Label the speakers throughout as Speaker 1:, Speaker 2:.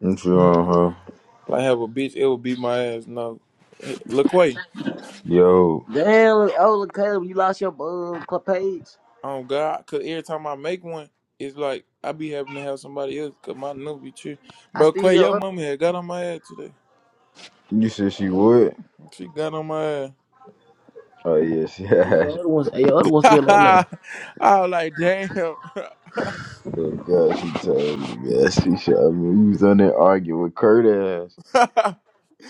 Speaker 1: I'm sure,
Speaker 2: Like have a bitch, it would beat my ass. No, look way.
Speaker 1: huh? Yo,
Speaker 3: Damn, oh Caleb, you lost your uh, club page.
Speaker 2: Oh God, cause every time I make one, it's like I be having to have somebody else, cause my number be true.
Speaker 3: I
Speaker 2: Bro,
Speaker 3: still
Speaker 2: Quay, your
Speaker 3: your
Speaker 2: mama had got on my ass today.
Speaker 1: you said she would?
Speaker 2: She got on my
Speaker 1: Oh yeah, she
Speaker 3: other,
Speaker 1: had.
Speaker 3: your other ones, your other one's still on
Speaker 2: ass.
Speaker 3: there.
Speaker 2: I was like, damn.
Speaker 1: Oh god, she told me. Yeah, she shot me. You was on there arguing with Kurt ass.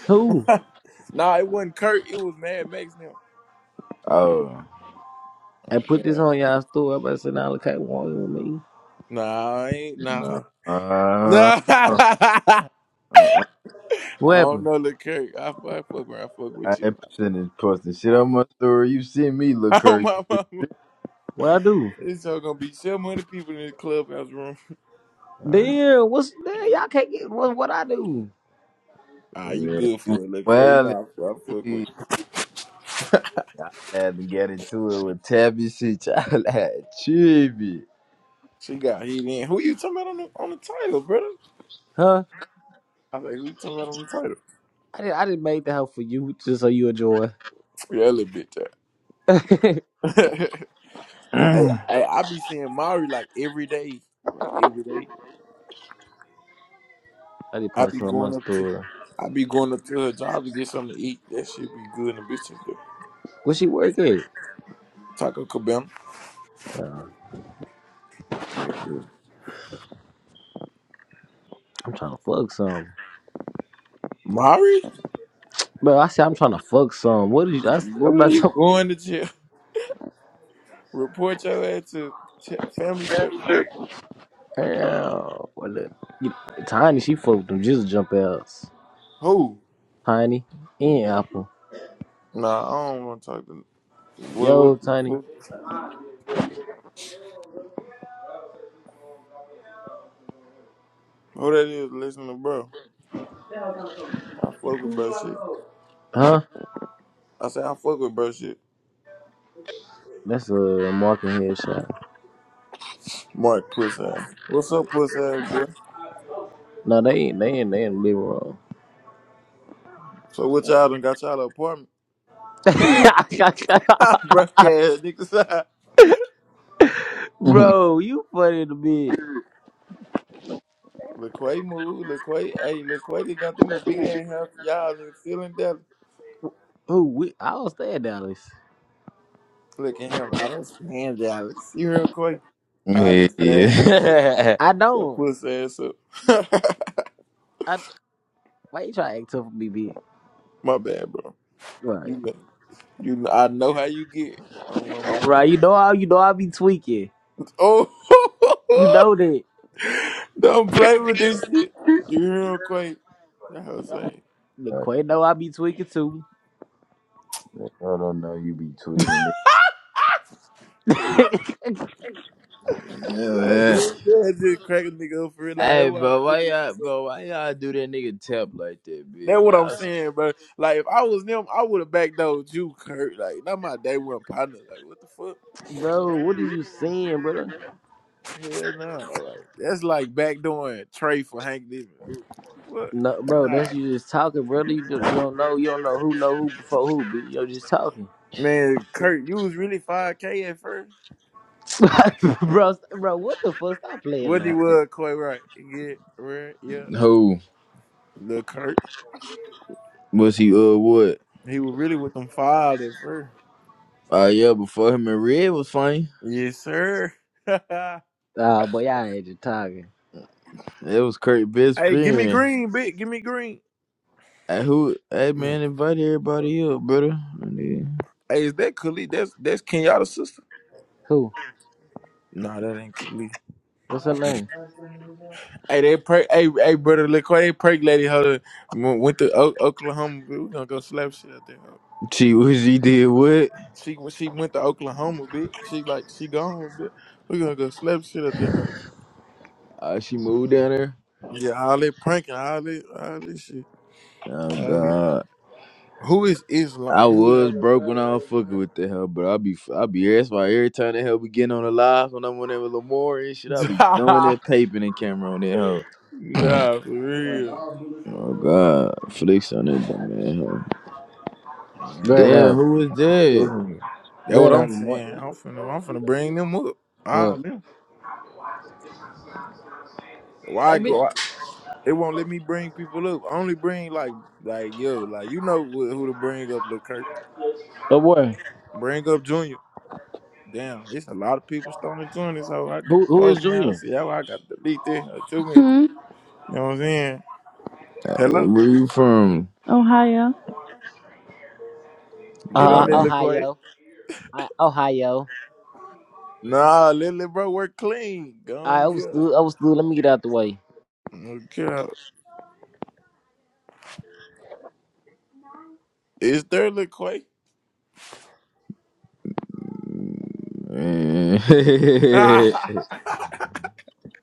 Speaker 3: Two.
Speaker 2: nah, it wasn't Kurt. It was Mad Max now.
Speaker 1: Oh
Speaker 2: Oh
Speaker 3: I put this
Speaker 2: God.
Speaker 3: on y'all store. Everybody said, "Now look, Caleb, want with me."
Speaker 2: Nah, I ain't.
Speaker 1: no.
Speaker 2: Nah.
Speaker 1: Uh,
Speaker 2: Nah.
Speaker 1: uh,
Speaker 2: I
Speaker 1: uh,
Speaker 3: What
Speaker 2: don't
Speaker 3: happened?
Speaker 2: know, look, Kurt. I, fuck- I fuck around. I fuck
Speaker 1: I
Speaker 2: with you.
Speaker 1: ain't
Speaker 2: Though.
Speaker 1: sending posting shit on my story. You send me, look,
Speaker 2: Oh
Speaker 1: Kurt.
Speaker 2: my mama.
Speaker 3: What I do?
Speaker 2: It's all gonna be 700 people in this clubhouse room.
Speaker 1: Um,
Speaker 3: Damn, what's damn? Y'all can't get what what I do?
Speaker 2: Ah, you
Speaker 1: yeah,
Speaker 2: good
Speaker 1: you
Speaker 2: for it, look. You
Speaker 1: well,
Speaker 2: know, I, I fuck with
Speaker 1: you-
Speaker 2: you.
Speaker 1: I had to get into it with Tabby shit. I had Chibi.
Speaker 2: She got hit in. Who you talking about on the, on the title, brother?
Speaker 3: Huh?
Speaker 2: I was like, who you talking about on the title?
Speaker 3: I did I did made the help for you just so you enjoy.
Speaker 2: Yeah, that little bitch.
Speaker 3: I
Speaker 2: that. hey, hey, I be seeing Mari like every day. Like every day.
Speaker 3: did
Speaker 2: I
Speaker 3: post
Speaker 2: be
Speaker 3: it on my
Speaker 2: going up to
Speaker 3: store.
Speaker 2: I be going up to her job to get something to eat. That shit be good in the bitch up there.
Speaker 3: Where she work at?
Speaker 2: Taco Cabana.
Speaker 3: Uh,
Speaker 2: Yeah, yeah.
Speaker 3: I'm trying to fuck some.
Speaker 2: Mari?
Speaker 3: Bro, I said I'm trying to fuck some. What did you? I, am
Speaker 2: Boy,
Speaker 3: not.
Speaker 2: you going to jail. Report your ass to ch- family service.
Speaker 3: Hell, well, look, you, Tiny, she fucked with them just jump outs.
Speaker 2: Who?
Speaker 3: Tiny and Apple.
Speaker 2: Nah, I don't want to talk to what
Speaker 3: Yo,
Speaker 2: what
Speaker 3: Tiny.
Speaker 2: who, who that is listening to bro. I fuck with bro shit.
Speaker 3: Huh?
Speaker 2: I say I fuck with bro shit.
Speaker 3: That's a marking headshot.
Speaker 2: Mark puss ass. What's up, puss ass boy?
Speaker 3: No, they ain't. They ain't. They in the living room.
Speaker 2: So what y'all done got y'all an apartment? bro, ass niggas.
Speaker 3: Bro, you funny to be.
Speaker 2: LaQuay moved. LaQuay, hey, LaQuay, they got them a big ass house. Y'all niggas still in Dallas.
Speaker 3: Who? We, I don't stay in Dallas.
Speaker 2: Look at him. I don't stand Dallas. You hear LaQuay? All this ass and shit.
Speaker 1: yeah.
Speaker 3: I
Speaker 2: Your
Speaker 3: don't.
Speaker 2: puss ass up.
Speaker 3: I why you try to act tough with me, bitch?
Speaker 2: My bad, bro.
Speaker 3: Right,
Speaker 2: You know, you know, I know how you get on my mama.
Speaker 3: right. You know I. You know I be tweaking. You
Speaker 2: Oh,
Speaker 3: know that.
Speaker 2: don't play with this shit. You hear him quake? That whole saying.
Speaker 3: The Quay know I be tweaking too.
Speaker 1: I don't know. You be tweaking it. Yeah,
Speaker 2: Like,
Speaker 1: man.
Speaker 2: dude, that just crack a nigga up for real. Like, that's
Speaker 1: Hey,
Speaker 2: what I'm
Speaker 1: bro, why
Speaker 2: fucking
Speaker 1: y'all,
Speaker 2: with you,
Speaker 1: bro, why
Speaker 2: bro.
Speaker 1: y'all do that nigga tap like that,
Speaker 2: That's
Speaker 1: bitch?
Speaker 2: what I'm
Speaker 1: Y'all, some-
Speaker 2: saying, bro. Like, if I was them, I would have backdoored you, Kurt. Like, not my day one partner. Like, what the fuck?
Speaker 3: bro, what is you saying, brother?
Speaker 2: Hell no. Like, that's like backdooring Trey for Hank David. Like, what?
Speaker 3: No, bro,
Speaker 2: Nah.
Speaker 3: that's you just talking, brother. You do you don't know. You don't know who know who before who. b- You're just talking,
Speaker 2: Man, Kurt, you was really 5K at first.
Speaker 3: bro. st- Bro, what the fuck? Stop playing,
Speaker 2: What he
Speaker 3: love.
Speaker 2: was, Coy, right? Yeah, right, yeah.
Speaker 1: Who?
Speaker 2: Lil' Kurt.
Speaker 1: was he uh what?
Speaker 2: He was really with them filed at first.
Speaker 1: Uh yeah, before him and Red was funny.
Speaker 2: Yes, sir. hey,
Speaker 3: Ah, boy, y'all ain't just talking.
Speaker 1: That was Kurt's best
Speaker 2: give me
Speaker 1: friend.
Speaker 2: green, bitch. Give me green.
Speaker 1: Hey, who? Hey, man, invite everybody up, brother. And then
Speaker 2: Hey, is that Khalid? That's that's Kenyatta's sister.
Speaker 3: Who?
Speaker 2: Nah, that ain't Khalid.
Speaker 3: What's her name?
Speaker 2: Hey, they pray. Hey, hey, brother, look, they prank lady. Her went went to o- Oklahoma. Bitch. We gonna go slap shit out there. Hoe.
Speaker 1: she, what she did what?
Speaker 2: She when she went to Oklahoma, bitch. She like she gone, bitch. We gonna go slap shit out there. Hoe.
Speaker 1: Uh, she moved down there.
Speaker 2: Yeah, all that pranking, all that, all that shit.
Speaker 1: Oh
Speaker 2: All that.
Speaker 1: God.
Speaker 2: Who is Islam?
Speaker 1: I
Speaker 2: Who is?
Speaker 1: was broke when I was fucking with the hell, but I be I be that's why every time the hell be getting on the live when I'm on there with Lamar and shit, I be throwing that paper and camera on that hoe.
Speaker 2: nah, for real.
Speaker 1: Oh god, flicks on that damn that hoe.
Speaker 3: Great
Speaker 2: Man,
Speaker 1: Damn,
Speaker 3: up.
Speaker 1: who is
Speaker 2: I'm
Speaker 1: that?
Speaker 2: telling you. That's
Speaker 3: Great
Speaker 2: what
Speaker 3: up.
Speaker 2: I'm
Speaker 3: What?
Speaker 2: saying. I'm finna, I'm finna bring them up. All
Speaker 3: What?
Speaker 2: them. Why
Speaker 3: Hey,
Speaker 2: I
Speaker 3: bitch.
Speaker 2: go? I, they won't let me bring people up. I only bring like, like yo, like you know who, who to bring up. Look, Kirk,
Speaker 3: Oh boy.
Speaker 2: bring up Junior. Damn, it's a lot of people starting to join this. How I get
Speaker 3: Who?
Speaker 2: the
Speaker 3: Who is
Speaker 2: post now?
Speaker 3: Junior?
Speaker 2: See how I got to delete this in two minutes.
Speaker 4: Hmm?
Speaker 2: You know what I'm saying?
Speaker 1: Hey,
Speaker 2: Hello,
Speaker 1: Where you from?
Speaker 4: Ohio.
Speaker 2: get on
Speaker 3: Uh,
Speaker 2: there,
Speaker 1: Uh,
Speaker 2: look quick.
Speaker 3: Ohio. I, Ohio.
Speaker 2: Nah, little bro, we're clean. Go
Speaker 3: I
Speaker 2: on, yeah.
Speaker 3: overstood. Overstood. Let me get out the way.
Speaker 2: Okay, is there look quick?
Speaker 1: man.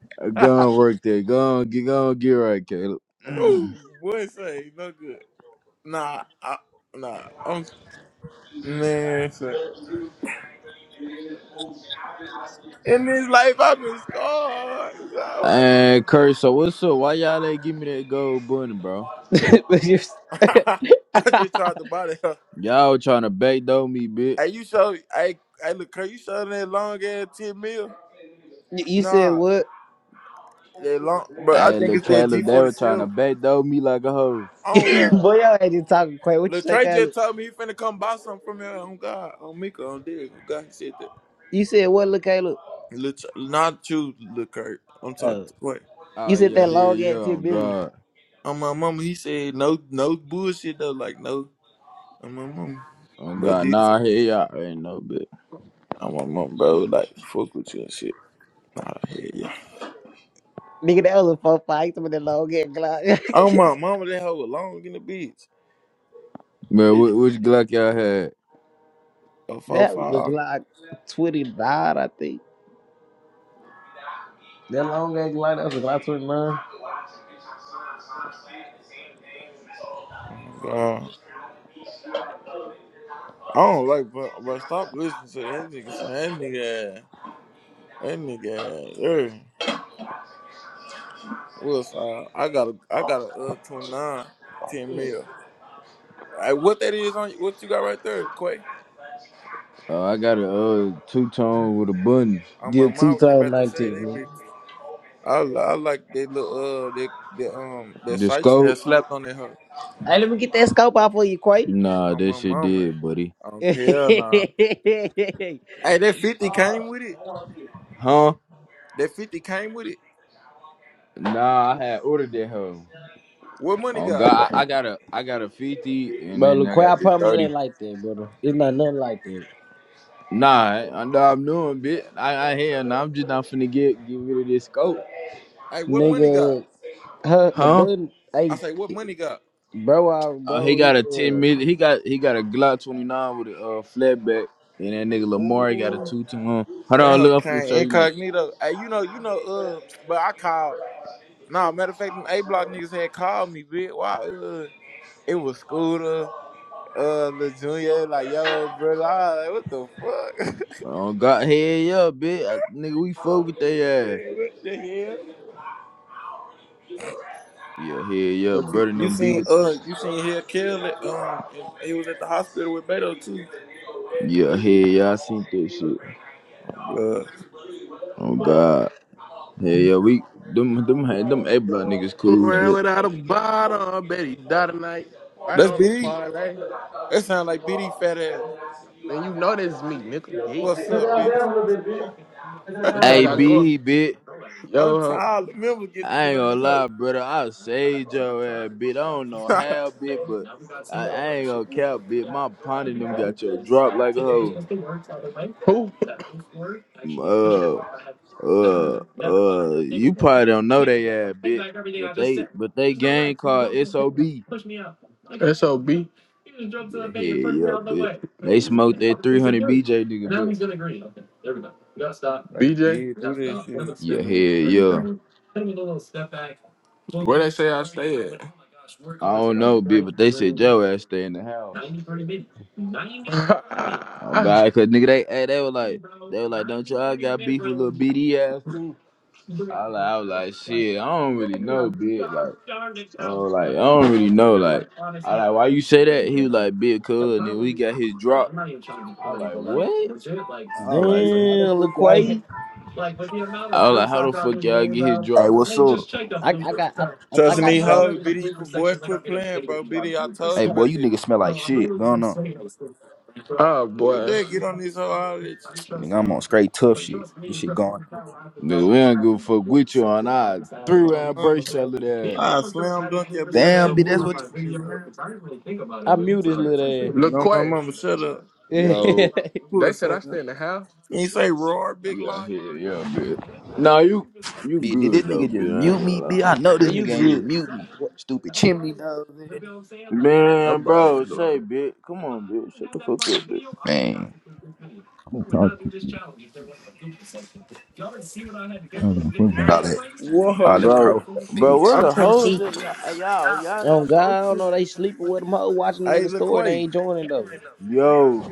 Speaker 1: go on work there. Go on, get go on, get right, Caleb.
Speaker 2: Ooh, boy, say no good. Nah, I, nah, I'm man. Say. In this life, I've been scarred. So
Speaker 1: And Kurt, so what's up? Why y'all ain't give me that gold bunny, bro?
Speaker 3: but you
Speaker 2: I, I just tried to body her.
Speaker 1: Y'all trying to backdoor me, bitch.
Speaker 2: Hey, you show, hey, hey, look, can you show that long ass ten mil?
Speaker 3: you said
Speaker 2: Nah,
Speaker 3: what?
Speaker 2: that long, but I
Speaker 1: Hey,
Speaker 2: think
Speaker 1: look,
Speaker 2: it's that G
Speaker 1: Caleb, they
Speaker 2: forty
Speaker 1: were trying to
Speaker 2: seven.
Speaker 1: backdoor me like a hoe.
Speaker 2: Oh God,
Speaker 3: Boy, y'all ain't just talking quick. What you say,
Speaker 2: Latrey just
Speaker 3: Caleb?
Speaker 2: told me he finna come buy something from here. Oh God, on Mika, on this, oh God, he said that.
Speaker 3: You said what? Look, Caleb.
Speaker 2: Lat- not you, Lil Kurt. I'm talking.
Speaker 3: Oh,
Speaker 2: Wait.
Speaker 3: you
Speaker 1: Oh,
Speaker 3: said
Speaker 1: yeah,
Speaker 3: that
Speaker 1: hell
Speaker 3: long
Speaker 1: yeah,
Speaker 3: ass 10
Speaker 1: on
Speaker 3: Billy.
Speaker 1: God.
Speaker 2: on my mama, he said no, no bullshit though. Like no, on my mama,
Speaker 1: On
Speaker 2: bro.
Speaker 1: God,
Speaker 2: This
Speaker 1: nah, hell yeah, I ain't no bit.
Speaker 2: on my mama, bro. Like fuck with you and shit. Nah, hell yeah.
Speaker 3: Nigga, that was a four five. You talking about that long ass
Speaker 2: On
Speaker 3: Glock?
Speaker 2: my mama, that hoe was long in the bitch.
Speaker 1: Man, wh- which Glock y'all had?
Speaker 2: A four
Speaker 3: that was a
Speaker 2: five.
Speaker 3: Glock twenty nine, I think. That long ass Glock. That was a Glock twenty nine.
Speaker 2: Oh my god. I don't like, bro. Bro, stop listening to that nigga. Son. That nigga, ass- that nigga. ass, Yeah. What's uh? I got a, I got a uh twenty nine, ten mil. Hey, what that is on? What you got right there, Quay?
Speaker 1: Oh, I got a uh, two-tone with a button.
Speaker 2: On
Speaker 3: Yeah,
Speaker 2: my
Speaker 3: two
Speaker 2: mouth, they
Speaker 3: thousand
Speaker 2: about to say they
Speaker 3: nineteen.
Speaker 2: be. I, li- I like they little uh they they um that
Speaker 1: The
Speaker 2: Sychin had
Speaker 1: scope?
Speaker 2: slapped on that hoe
Speaker 3: Hey, let me get that scope out for you, Quay.
Speaker 1: Nah,
Speaker 2: on
Speaker 1: that
Speaker 2: my
Speaker 1: shit
Speaker 2: mama.
Speaker 1: did, buddy.
Speaker 2: Oh hell nah. Hey, that fifty came with it.
Speaker 1: Huh?
Speaker 2: That fifty came with it.
Speaker 1: Nah, I had ordered that hoe.
Speaker 2: What money
Speaker 1: Oh
Speaker 2: got?
Speaker 1: God, I, I got a, I got a 50, and
Speaker 3: bro,
Speaker 1: then
Speaker 3: look,
Speaker 1: I
Speaker 3: Quay,
Speaker 1: got
Speaker 3: I
Speaker 1: this
Speaker 3: promise it
Speaker 1: 30.
Speaker 3: ain't like that, brother. It's not nothing like that.
Speaker 1: Nah, I I know I'm doing, bit. I, I here, nah, I'm just not finna get, get rid of this scope.
Speaker 2: Hey, what money got?
Speaker 3: Nigga, her, the
Speaker 1: Huh?
Speaker 3: button,
Speaker 2: I
Speaker 3: hey,
Speaker 2: say what money got?
Speaker 3: bro, I,
Speaker 1: Uh, he
Speaker 3: bro, he,
Speaker 1: got a ten
Speaker 3: uh,
Speaker 1: minute. He got he got a Glock twenty nine with a uh, flatback, and that nigga Lamar he got a
Speaker 2: Ooh,
Speaker 1: two two one. Hold
Speaker 2: that
Speaker 1: on,
Speaker 2: hoe
Speaker 1: look, I'm finna
Speaker 2: came
Speaker 1: show you.
Speaker 2: incognito. Hey, you know you know uh, but I called. Nah, matter of fact, them A block niggas had called me, bitch. Why uh it was Scooter. Uh, the junior, like yo, brother, I was like, what the fuck,
Speaker 1: Oh God, hell yeah, bitch, I, nigga, we fuck with they ass.
Speaker 2: man? What the hell?
Speaker 1: Yeah, hell yeah,
Speaker 2: But you
Speaker 1: brother,
Speaker 2: you
Speaker 1: them be
Speaker 2: seen
Speaker 1: with.
Speaker 2: uh you seen here Kelly um and he was at the hospital with Beto too.
Speaker 1: Yeah, hell yeah, I seen that shit.
Speaker 2: Blood.
Speaker 1: Oh God, hell yeah, we them them them A block niggas cool,
Speaker 5: around
Speaker 1: bitch.
Speaker 5: without a bottle. I bet he die tonight. Right
Speaker 2: That's
Speaker 5: on the
Speaker 2: BD.
Speaker 5: parlay.
Speaker 2: That sound like BD fat ass.
Speaker 5: Man, you know this is me, nigga. Yeah.
Speaker 2: What's up, bitch?
Speaker 5: What y'all
Speaker 1: A
Speaker 5: got going?
Speaker 1: B, bitch.
Speaker 2: I'm
Speaker 5: Yo, uh,
Speaker 2: tired. The members get to
Speaker 1: I
Speaker 2: get
Speaker 1: ain't
Speaker 2: on
Speaker 1: gonna
Speaker 2: this hoe.
Speaker 1: lie, brother. I saved your ass, bitch. I don't know how, bitch, but I, I ain't gonna cap, bitch. My partner them got your drop like a hoe.
Speaker 5: who?
Speaker 1: Uh, uh, uh. You probably don't know they ass, bitch, but they, but they gang called SOB. Yeah,
Speaker 5: SOB.
Speaker 1: hell yeah, bitch. They smoked that three hundred BJ nigga, bitch.
Speaker 2: they
Speaker 5: BJ.
Speaker 2: did do this shit.
Speaker 1: Yeah, hell yeah.
Speaker 5: Where they say I stay at?
Speaker 1: I don't know, bitch, but they said your ass stay in the house. Oh God, cause nigga, they, hey, they were like, they were like, don't y'all got beef with little BD ass? I, like, I was like, shit, I don't really know, bitch. Like, oh, like I don't really know. Like, I like, why you say that? He was like, big, cuz, and then we got his drop. I was like, what? I was like, how the
Speaker 3: damn, look,
Speaker 1: fuck y'all? get-"
Speaker 3: Quay.
Speaker 1: I was like, how the fuck y'all get his
Speaker 6: Hey,
Speaker 1: drop?
Speaker 6: what's up?
Speaker 3: I, I got, I, I, I
Speaker 2: Trusting
Speaker 3: gotta
Speaker 2: these
Speaker 3: drop
Speaker 2: hoes,
Speaker 3: too.
Speaker 2: BD qu- boy, quit playing, bro. BD, I told
Speaker 6: Hey,
Speaker 2: you
Speaker 6: boy,
Speaker 2: about
Speaker 6: you
Speaker 2: that.
Speaker 6: niggas smell like shit. Going on.
Speaker 5: Oh,
Speaker 2: Who was that? Get on this hoe all that
Speaker 6: Nigga, I'm on straight tough
Speaker 2: you-
Speaker 6: shit. This shit going on.
Speaker 1: Nigga, we don't give a fuck with you on I three
Speaker 2: My
Speaker 1: round
Speaker 2: mama.
Speaker 1: burst y'all little ass.
Speaker 2: I slam dunk that bitch and
Speaker 6: Damn, bitch, that's
Speaker 2: remove
Speaker 6: what
Speaker 2: you from this hoe.
Speaker 3: I mute this little
Speaker 2: No, my
Speaker 5: wait.
Speaker 2: mama, shut up.
Speaker 3: ass.
Speaker 1: Yo,
Speaker 2: Pull
Speaker 5: They
Speaker 2: us
Speaker 5: said I
Speaker 2: up.
Speaker 5: stay in
Speaker 2: You
Speaker 5: the house?
Speaker 2: ain't say roar, big
Speaker 1: yeah,
Speaker 2: lion.
Speaker 1: yeah, yeah, big. Nah, you, you
Speaker 6: you, bitch, did this
Speaker 1: good though,
Speaker 6: nigga just
Speaker 1: bitch? I
Speaker 6: mute
Speaker 1: ain't gonna
Speaker 6: me, bitch? I
Speaker 1: lie.
Speaker 6: know
Speaker 3: yeah,
Speaker 6: this
Speaker 3: you
Speaker 6: nigga ain't just
Speaker 3: good.
Speaker 6: mute me. Stupid chimney nose,
Speaker 5: I'm
Speaker 6: nigga.
Speaker 1: Man,
Speaker 5: about
Speaker 1: bro,
Speaker 5: to do
Speaker 1: say,
Speaker 5: it.
Speaker 1: bitch. come on, bitch. shut the fuck up, bitch.
Speaker 6: man. I'm talking. I don't give a fuck about All that, all them
Speaker 2: Whoa.
Speaker 1: Bro,
Speaker 6: profile
Speaker 1: bro, where
Speaker 6: pics.
Speaker 5: I'm
Speaker 1: the
Speaker 5: trying to
Speaker 1: hoes
Speaker 5: see.
Speaker 1: at? Y'all, Hey, y'all, y'all
Speaker 3: Oh,
Speaker 1: not
Speaker 3: God, I don't
Speaker 1: posting it?
Speaker 3: know, they sleeping with them hoe watching the nigga
Speaker 2: Hey,
Speaker 3: story, they
Speaker 2: LaQuay.
Speaker 3: ain't joining though.
Speaker 1: Yo,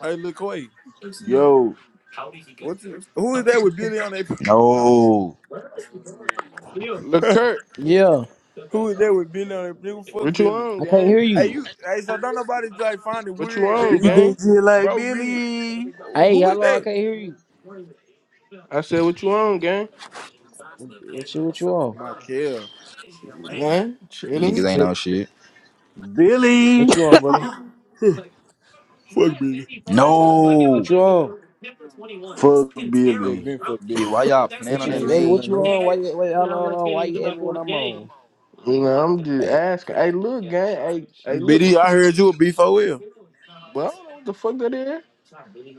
Speaker 2: Hey, LaQuay.
Speaker 1: yo,
Speaker 2: What's it? Who is that with Billy on their?
Speaker 6: No.
Speaker 5: Look,
Speaker 3: Yeah,
Speaker 2: who is that with Billy on their? Nigga, fuck
Speaker 5: What you
Speaker 2: Billy.
Speaker 5: on,
Speaker 3: I can't
Speaker 5: gang?
Speaker 3: hear
Speaker 2: Hey,
Speaker 3: you.
Speaker 2: you. Hey, so don't nobody like find it
Speaker 5: What
Speaker 2: weird that
Speaker 1: you
Speaker 2: bro,
Speaker 1: did
Speaker 5: chain?
Speaker 1: shit like
Speaker 2: bro, really?
Speaker 1: Billy,
Speaker 2: Who
Speaker 3: Hey,
Speaker 2: who
Speaker 3: how
Speaker 2: is
Speaker 3: long I
Speaker 2: that?
Speaker 3: can't hear you?
Speaker 5: I said, what you on, gang?
Speaker 3: What you what you on?
Speaker 2: Michael. Mm-mm.
Speaker 5: Man, chilling.
Speaker 6: Niggas
Speaker 3: I
Speaker 6: ain't
Speaker 3: said,
Speaker 6: on shit.
Speaker 1: Billy,
Speaker 3: what you on, brother?
Speaker 2: fuck Billy.
Speaker 3: What
Speaker 6: No.
Speaker 3: you on?
Speaker 1: fuck
Speaker 2: They
Speaker 1: Billy.
Speaker 2: been fuck
Speaker 6: Bitch,
Speaker 2: Billy.
Speaker 6: why y'all playing
Speaker 3: What
Speaker 6: on
Speaker 2: I
Speaker 3: you
Speaker 6: that
Speaker 2: ain't
Speaker 3: wait?
Speaker 2: said
Speaker 3: What
Speaker 6: man?
Speaker 2: nothing
Speaker 3: you
Speaker 2: new.
Speaker 3: on? Why you wait? How long? long? Why you at me when I'm on?
Speaker 5: You know, I'm just asking. Hey, look, gang. Hey, hey, look.
Speaker 2: Billy, I heard you a B4L.
Speaker 5: But I don't know what the fuck that is.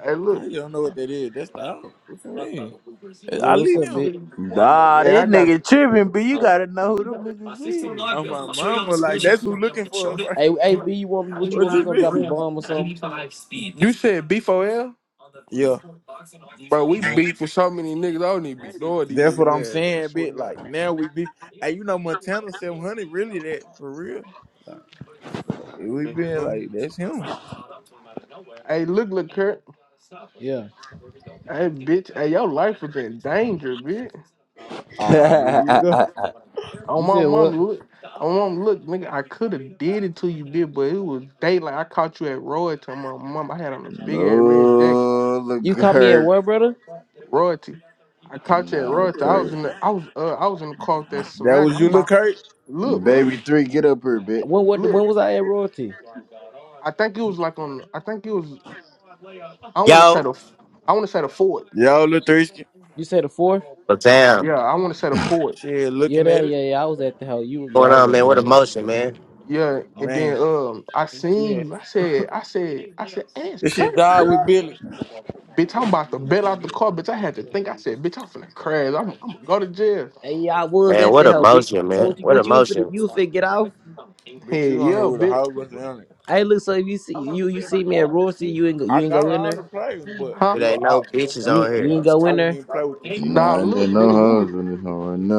Speaker 5: Hey, look.
Speaker 2: I don't know what that is. That's the house. What you mean?
Speaker 3: Yeah,
Speaker 2: I
Speaker 3: what's
Speaker 2: leave
Speaker 3: up,
Speaker 2: them.
Speaker 3: bitch?
Speaker 1: Nah,
Speaker 5: Man, I
Speaker 1: that
Speaker 5: got.
Speaker 1: nigga tripping, but you gotta know who them niggas
Speaker 2: I'm my mama. Like that's who looking for us, right?
Speaker 3: Hey, hey, B, you want me? What you
Speaker 2: What
Speaker 3: want me to
Speaker 2: you
Speaker 3: come drop a
Speaker 2: mean?
Speaker 3: bomb or something?
Speaker 5: You said B4L?
Speaker 2: Yeah.
Speaker 5: Bro, we beat for so many niggas. I don't even be knowing these
Speaker 2: That's what I'm
Speaker 5: niggas' ass. I
Speaker 2: saying,
Speaker 5: swear to
Speaker 2: bitch. Like now
Speaker 5: God.
Speaker 2: we be, and you know Montana 700 really that for real. Like, like it we been
Speaker 5: Man.
Speaker 2: like that's him.
Speaker 5: Hey, look, look, Kurt.
Speaker 3: Yeah.
Speaker 5: Hey, bitch. Hey, your life was in danger, bitch.
Speaker 2: Ah, here
Speaker 1: is.
Speaker 2: you go.
Speaker 5: On
Speaker 3: You
Speaker 5: my
Speaker 3: said
Speaker 5: mom,
Speaker 3: what?
Speaker 5: look. On my mom, look, nigga. I could have did it to you, bitch, but it was daylight. I caught you at Royalty. My mom, I had on a big ass red jacket.
Speaker 1: No, look,
Speaker 3: You caught me at
Speaker 1: Kurt.
Speaker 3: where, brother?
Speaker 5: Royalty. I caught you at
Speaker 1: Nah,
Speaker 5: Royalty. I was
Speaker 1: Kurt.
Speaker 5: in the, I was, uh, I was in the car with that
Speaker 2: That
Speaker 5: smack.
Speaker 2: was
Speaker 5: I'm
Speaker 2: you, look
Speaker 5: about. to
Speaker 2: Kurt.
Speaker 5: Look,
Speaker 1: Baby three, get up here, bitch.
Speaker 3: When what? When
Speaker 5: look.
Speaker 3: was I at royalty?
Speaker 5: I think it was like on. I think it was. I want to set
Speaker 7: Yo,
Speaker 5: a, I want to set a Ford.
Speaker 2: Y'all look thirsty.
Speaker 3: You said the fourth?
Speaker 7: but damn,
Speaker 5: Yeah, I want to set a Ford.
Speaker 2: Shit,
Speaker 3: Yeah,
Speaker 2: looking
Speaker 3: there,
Speaker 2: at it,
Speaker 3: yeah, yeah. I was at the house. You, yeah,
Speaker 7: going
Speaker 3: I was
Speaker 7: on,
Speaker 3: at
Speaker 7: man?
Speaker 3: the
Speaker 7: What
Speaker 3: house.
Speaker 7: emotion, man?
Speaker 5: Yeah, and then
Speaker 2: man.
Speaker 5: um, I
Speaker 2: Yeah,
Speaker 5: seen you. I said, I said, I said, ask
Speaker 2: this shit
Speaker 5: Kurt.
Speaker 2: died with Billy.
Speaker 5: Bitch, I'm about to bail out the car. Bitch, I had to think. I said, bitch, I'm finna crash. I'm, I'm gonna go to jail.
Speaker 3: Hey, yeah, I was
Speaker 7: Man,
Speaker 3: at
Speaker 7: what
Speaker 3: the house, bitch.
Speaker 7: emotion,
Speaker 3: So
Speaker 7: man?
Speaker 3: what you
Speaker 7: What
Speaker 3: what you for?
Speaker 7: emotion?
Speaker 3: You for get off?
Speaker 2: Bitch,
Speaker 5: Hey,
Speaker 2: you on here
Speaker 5: yeah,
Speaker 2: with a
Speaker 5: bitch.
Speaker 2: whole bunch of young niggas.
Speaker 3: Hey, look. So if you see you you see me at royalty, you ain't go,
Speaker 2: I
Speaker 3: you ain't
Speaker 2: got
Speaker 3: go in
Speaker 2: all the
Speaker 3: there.
Speaker 2: of but
Speaker 5: Huh?
Speaker 7: It
Speaker 2: you a
Speaker 7: ain't no
Speaker 2: op.
Speaker 7: bitches
Speaker 3: You ain't,
Speaker 7: on
Speaker 3: you
Speaker 7: here.
Speaker 3: ain't go
Speaker 2: I
Speaker 3: in
Speaker 2: wouldn't
Speaker 3: there.
Speaker 2: even play with this shit.
Speaker 5: Nah,
Speaker 1: Nah, I
Speaker 5: look,
Speaker 1: didn't
Speaker 5: nigga,
Speaker 1: know
Speaker 5: we was
Speaker 1: hoes when this home right now. I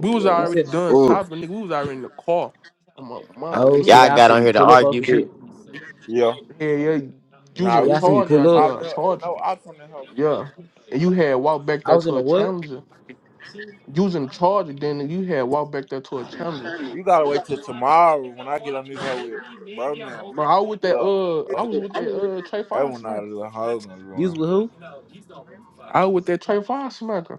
Speaker 5: We was
Speaker 3: You
Speaker 1: know,
Speaker 3: said.
Speaker 5: already done
Speaker 1: bro. Oh,
Speaker 5: shopping, nigga. We was already in the car. I'm my mama, nigga.
Speaker 3: Oh,
Speaker 5: We
Speaker 3: so
Speaker 5: was,
Speaker 7: Y'all
Speaker 3: y'all
Speaker 7: got
Speaker 3: see
Speaker 7: on
Speaker 3: me
Speaker 7: here to
Speaker 3: pull up on
Speaker 7: argue.
Speaker 3: some shit.
Speaker 7: too.
Speaker 2: Yeah.
Speaker 5: yeah, yeah. You was in
Speaker 2: Nah,
Speaker 5: a
Speaker 2: we
Speaker 3: Y'all see me
Speaker 2: really
Speaker 5: charger,
Speaker 3: pull
Speaker 5: I-
Speaker 2: just
Speaker 3: up.
Speaker 2: top
Speaker 5: yeah, a
Speaker 2: milk.
Speaker 5: charger,
Speaker 2: No ops on this hoe.
Speaker 5: yeah. And you had walked back
Speaker 3: I
Speaker 5: there
Speaker 3: was in
Speaker 5: to
Speaker 3: a
Speaker 5: a
Speaker 3: what?
Speaker 5: challenger. You was in a charger, then you had walked back there to a challenger.
Speaker 2: You gotta wait till tomorrow when I get on this hoe with bro now.
Speaker 5: Bro, I was
Speaker 2: like,
Speaker 5: with that
Speaker 2: Yo,
Speaker 5: uh, I
Speaker 2: that,
Speaker 5: was with that uh Trey
Speaker 2: that
Speaker 5: Fire
Speaker 2: one out
Speaker 5: smacker.
Speaker 2: of the hoe gonna be
Speaker 3: You
Speaker 2: on.
Speaker 3: was with who?
Speaker 5: I was with that Trey Fire smacker.